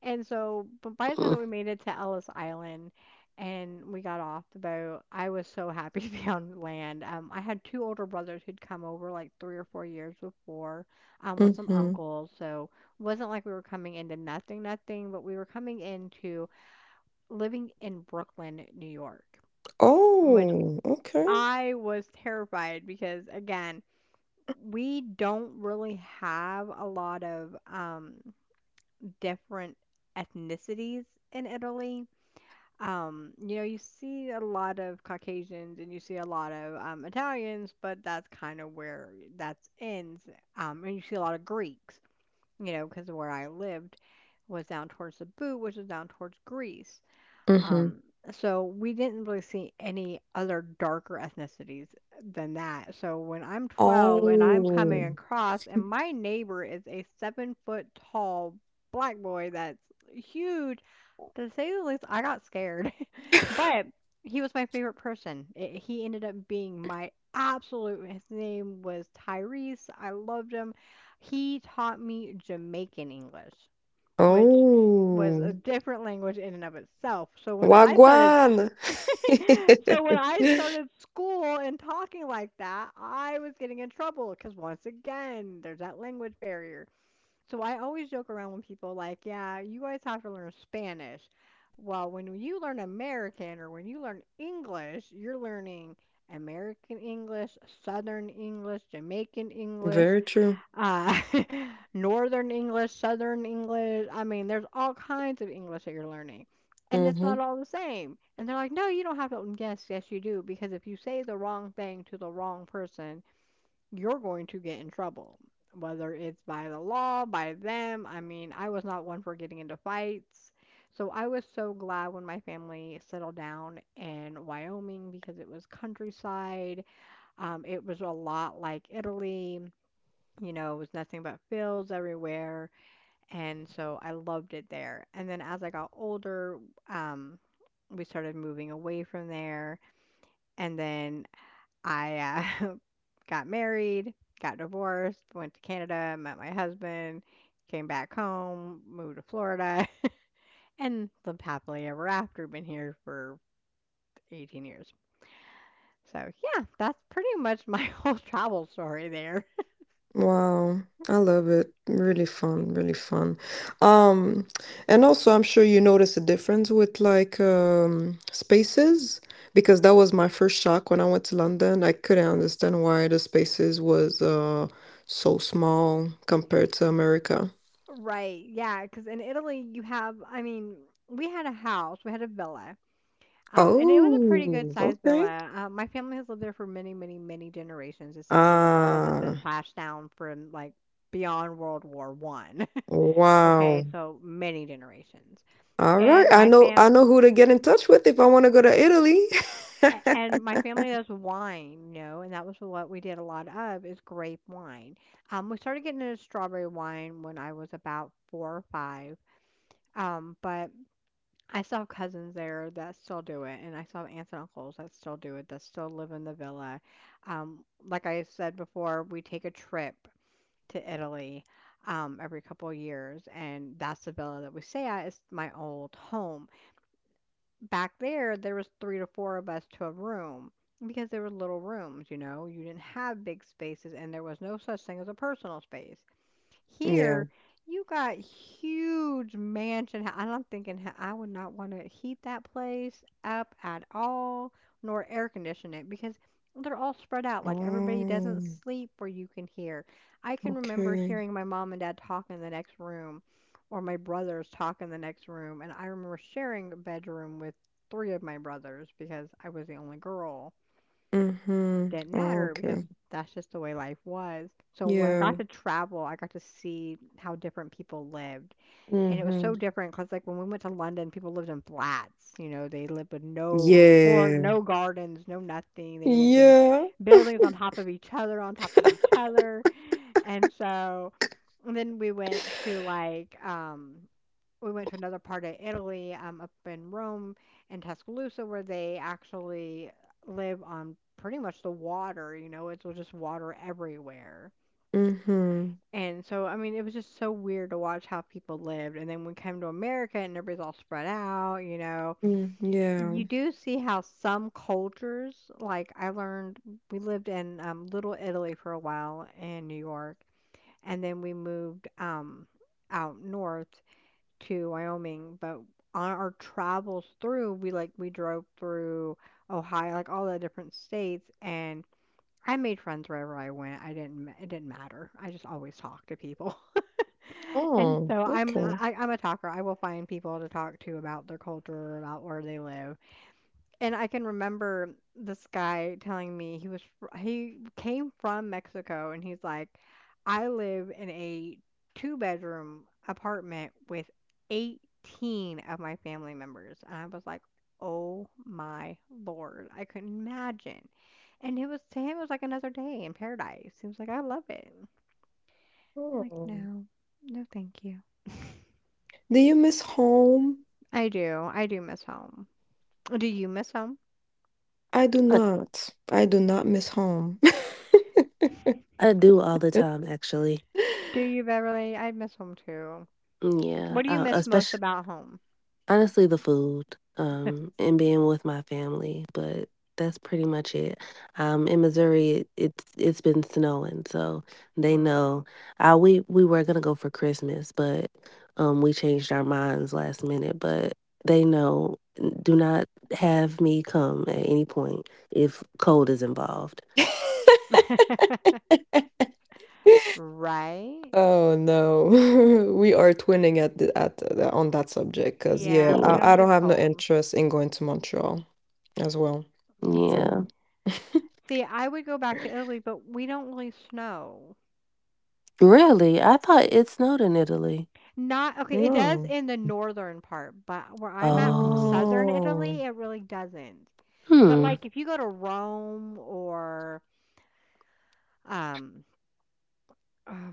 S1: And so, but by the time that
S3: Mm,
S1: we made it to Ellis Island and we got off the boat, I was so happy to be on land. I had two older brothers who'd come over like 3 or 4 years before, with some
S4: Mm-hmm.
S1: uncles. So it wasn't like we were coming into nothing, nothing, but we were coming into living in Brooklyn, New York, which
S4: Oh, okay.
S1: I was terrified because again, we don't really have a lot of different ethnicities in Italy. You know, you see a lot of Caucasians and you see a lot of Italians, but that's kind of where that ends. And you see a lot of Greeks, you know, because where I lived was down towards the boot, which is down towards Greece.
S4: Mm-hmm.
S1: Um, so we didn't really see any other darker ethnicities than that. So when I'm 12 and I'm coming
S4: Oh.
S1: across, and my neighbor is a 7 foot tall black boy that's huge, to say the least, I got scared, but he was my favorite person. I He ended up being my absolute his name was Tyrese. I loved him. He taught me Jamaican English, which was a
S4: Oh,
S1: different language in and of itself. So when I started
S4: Wagwan.
S1: sc- So when I started school and talking like that, I was getting in trouble because once again, there's that language barrier. So I always joke around when people like, yeah, you guys have to learn Spanish. Well, when you learn American, or when you learn English, you're learning American English, Southern English, Jamaican English,
S4: Very true.
S1: uh, Northern English, Southern English. I mean, there's all kinds of English that you're learning. And it's not
S4: Mhm.
S1: all the same. And they're like, no, you don't have to. Yes, yes, you do. Because if you say the wrong thing to the wrong person, you're going to get in trouble, whether it's by the law, by them. I mean, I was not one for getting into fights. So I was so glad when my family settled down in Wyoming because it was countryside. It was a lot like Italy. You know, it was nothing but fields everywhere. And so I loved it there. And then as I got older, um, we started moving away from there. And then I, uh, got married, got divorced, went to Canada, met my husband, came back home, moved to Florida, and lived happily ever after. Been here for 18 years. So, yeah, that's pretty much my whole travel story there.
S4: Wow, I love it. Really fun, really fun. Um, and also, I'm sure you notice a difference with like spaces, because that was my first shock when I went to London. I couldn't understand why the spaces was so small compared to America.
S1: Right. Yeah. Because in Italy, you have, I mean, we had a house, we had a villa. And it was a pretty good
S4: Oh,
S1: sized
S4: okay.
S1: villa. My family has lived there for many, many, many generations. This has been a villa that's
S4: Ah,
S1: been passed down from like beyond World War One.
S4: wow.
S1: Okay, so many generations.
S4: All right.
S1: And
S4: I
S1: my
S4: know, I
S1: fam
S4: know who to get in touch with if I want to go to Italy.
S1: and my family does wine, you know, and that was what we did a lot of, is grape wine. We started getting into strawberry wine when I was about four or five. But I still have cousins there that still do it, and I still have aunts and uncles that still do it, that still live in the villa. Like I said before, we take a trip to Italy every couple of years, and that's the villa that we stay at. It's my old home. Back there, there was three to four of us to a room because there were little rooms, you know. You didn't have big spaces, and there was no such thing as a personal space.
S4: Yeah.
S1: Here, you got huge mansion. And I'm thinking, I would not want to heat that place up at all, nor air condition it because they're all spread out." Like, everybody
S4: Oh,
S1: doesn't sleep where you can hear. I can remember
S4: okay.
S1: hearing my mom and dad talk in the next room, or my brothers talk in the next room. And I remember sharing a bedroom with three of my brothers because I was the only girl.
S4: Mm-hmm.
S1: Didn't
S4: Oh,
S1: matter because
S4: okay.
S1: that's just the way life was. So when I
S4: Yeah.
S1: got to travel, I got to see how different people lived. And it was
S4: Mm-hmm.
S1: so different because, like, when we went to London, people lived in flats. You know, they lived with no port,
S4: Yeah.
S1: no gardens, no nothing. They lived in
S4: Yeah.
S1: buildings on top of each other, on top of each other. And so and then we went to, like, we went to another part of Italy, up in Rome and Tuscaloosa, where they actually live on pretty much the water. You know, it's just water everywhere.
S4: Mm-hmm.
S1: And so, I mean, it was just so weird to watch how people lived. And then we came to America and everybody's all spread out, you know.
S4: Mm,
S1: You
S4: yeah.
S1: do see how some cultures, like I learned, we lived in Little Italy for a while in New York, and then we moved out north to Wyoming, but on our travels through, we drove through Ohio, like all the different states, and I made friends wherever I went. I didn't. Ma- It didn't matter. I just always talked to people. And
S4: Oh,
S1: so I'm
S4: okay.
S1: I, I'm a talker. I will find people to talk to about their culture, about where they live. And I can remember this guy telling me he was fr he came from Mexico, and he's like, "I live in a two-bedroom apartment with 18 of my family members." And I was like, "Oh my Lord, I couldn't imagine." And it was to him, it was like another day in paradise. He was like, "I love it." I'm like,
S4: Oh.
S1: "No, no, thank you."
S4: Do you miss home?
S1: I do. I do miss home. Do you miss home?
S4: I do
S3: I
S4: not. I do not miss home.
S3: do all the time, actually.
S1: Do you, Beverly? I miss home too.
S3: Yeah,
S1: What do you miss most
S3: especially
S1: about home?
S3: honestly, the food, and being with my family, but that's pretty much it. In Missouri, it's it's been snowing, so they
S1: Mm.
S3: know. We were gonna go for Christmas, but we changed our minds last minute. But they know, "N- do not have me come at any point if cold is involved."
S1: Right?
S4: Oh no, we are twinning at on that subject, because yeah,
S1: Yeah, we don't
S4: I
S3: Yeah,
S1: do
S4: don't have no
S1: cold.
S4: interest in going to Montreal as well for
S3: yeah.
S4: now.
S1: See, I would go back to Italy, but we don't really snow.
S3: Really, I thought it snowed in Italy.
S1: Not okay, it does
S4: No.
S1: in the northern part, but where I'm at from
S3: Oh,
S1: southern
S4: Oh.
S1: Italy, it really doesn't. But
S3: hmm.
S1: like if you go to Rome or um uh,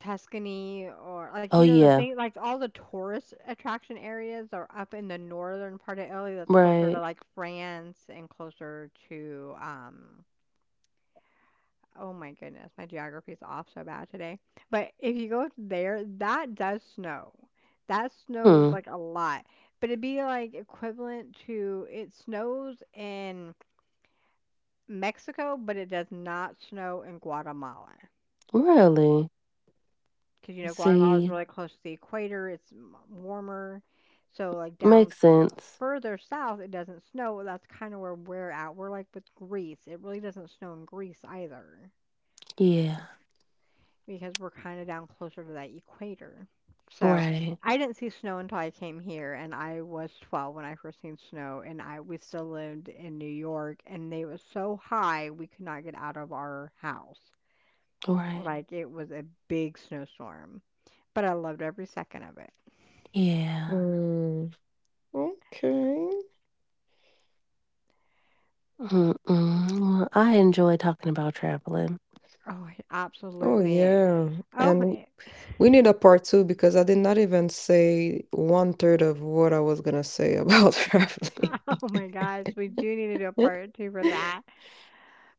S1: Tuscany, or like,
S3: Oh
S1: you know, the
S3: yeah,
S1: thing, like all the tourist attraction areas are up in the northern part of Italy that's closer to
S3: right.
S1: like France and closer to oh my goodness, my geography is off so bad today. But if you go there, that does snow. That snows
S3: Hmm.
S1: like a lot. But it'd be like equivalent to, it snows in Mexico, but it does not snow in Guatemala
S3: Really?
S1: because, you know, Guatemala is
S3: See,
S1: really close to the equator. It's warmer, so like down
S3: makes sense.
S1: further south, it doesn't snow. That's kind of where we're at. We're like with Greece. It really doesn't snow in Greece either
S3: Yeah.
S1: because we're kind of down closer to that equator. So
S3: Right.
S1: I didn't see snow until I came here, and I was 12 when I first seen snow. And I we still lived in New York, and they was so high we could not get out of our house.
S3: Right.
S1: Like it was a big snowstorm, but I loved every second of it.
S3: Yeah.
S4: Hmm. Okay.
S3: Mm-mm. Well, I enjoy talking about traveling.
S1: Oh,
S4: Oh
S1: absolutely.
S4: yeah.
S1: Oh,
S4: And
S1: eh,
S4: we need a part two because I did not even say one third of what I was gonna say about traveling.
S1: oh my gosh, we do need to do a part two for that,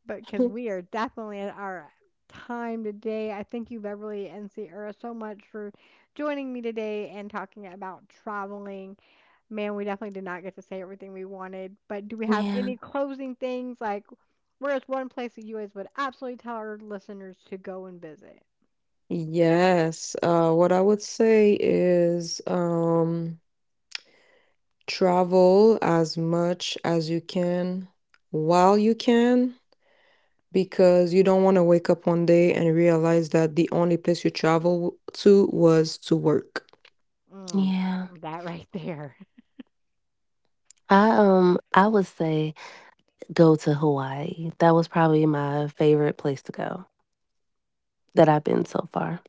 S1: but because we are definitely at our time today. I thank you, Beverly and Sierra, so much for joining me today and talking about traveling. Man, we definitely did not get to say everything we wanted, but do we have
S3: Yeah.
S1: any closing things? Like, where's one place that you guys would absolutely tell our listeners to go and visit?
S4: Yes. What I would say is. Travel as much as you can while you can, because you don't want to wake up one day and realize that the only place you travel to was to work.
S1: Mm,
S3: Yeah.
S1: that right there.
S3: I would say go to Hawaii. That was probably my favorite place to go that I've been so far.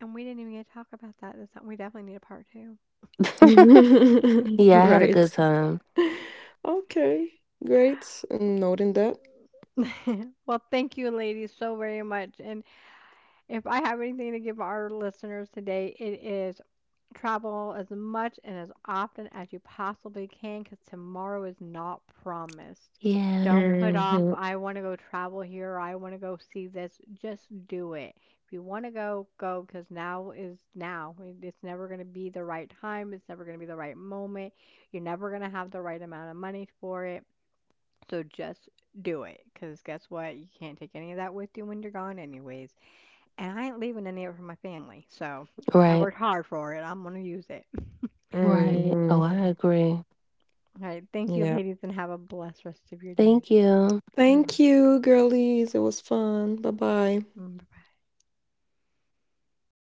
S1: And we didn't even get to talk about that. That's something we definitely need a part two.
S3: Yeah, I had a
S4: Right.
S3: good time.
S4: Okay, great. Mm, noting that.
S1: Well, thank you, ladies, so very much. And if I have anything to give our listeners today, it is travel as much and as often as you possibly can because tomorrow is not promised.
S3: Yeah.
S1: Don't put off,
S4: Hmm,
S1: I want to go travel here, or I want to go see this. Just do it. If you want to go, go because now is now. It's never going to be the right time, it's never going to be the right moment. You're never going to have the right amount of money for it, so just do it, 'cause guess what? You can't take any of that with you when you're gone anyways, and I ain't leaving any of it for my family, so I
S3: Right.
S1: worked hard for it. I'm gonna use it.
S3: Right. Oh,
S4: hmm.
S3: I agree.
S1: All right, thank you,
S4: Yeah.
S1: ladies, and have a blessed rest of your day.
S3: Thank you.
S1: You're
S4: Thank you, girlies. It was fun. Bye bye.
S1: welcome. Bye-bye.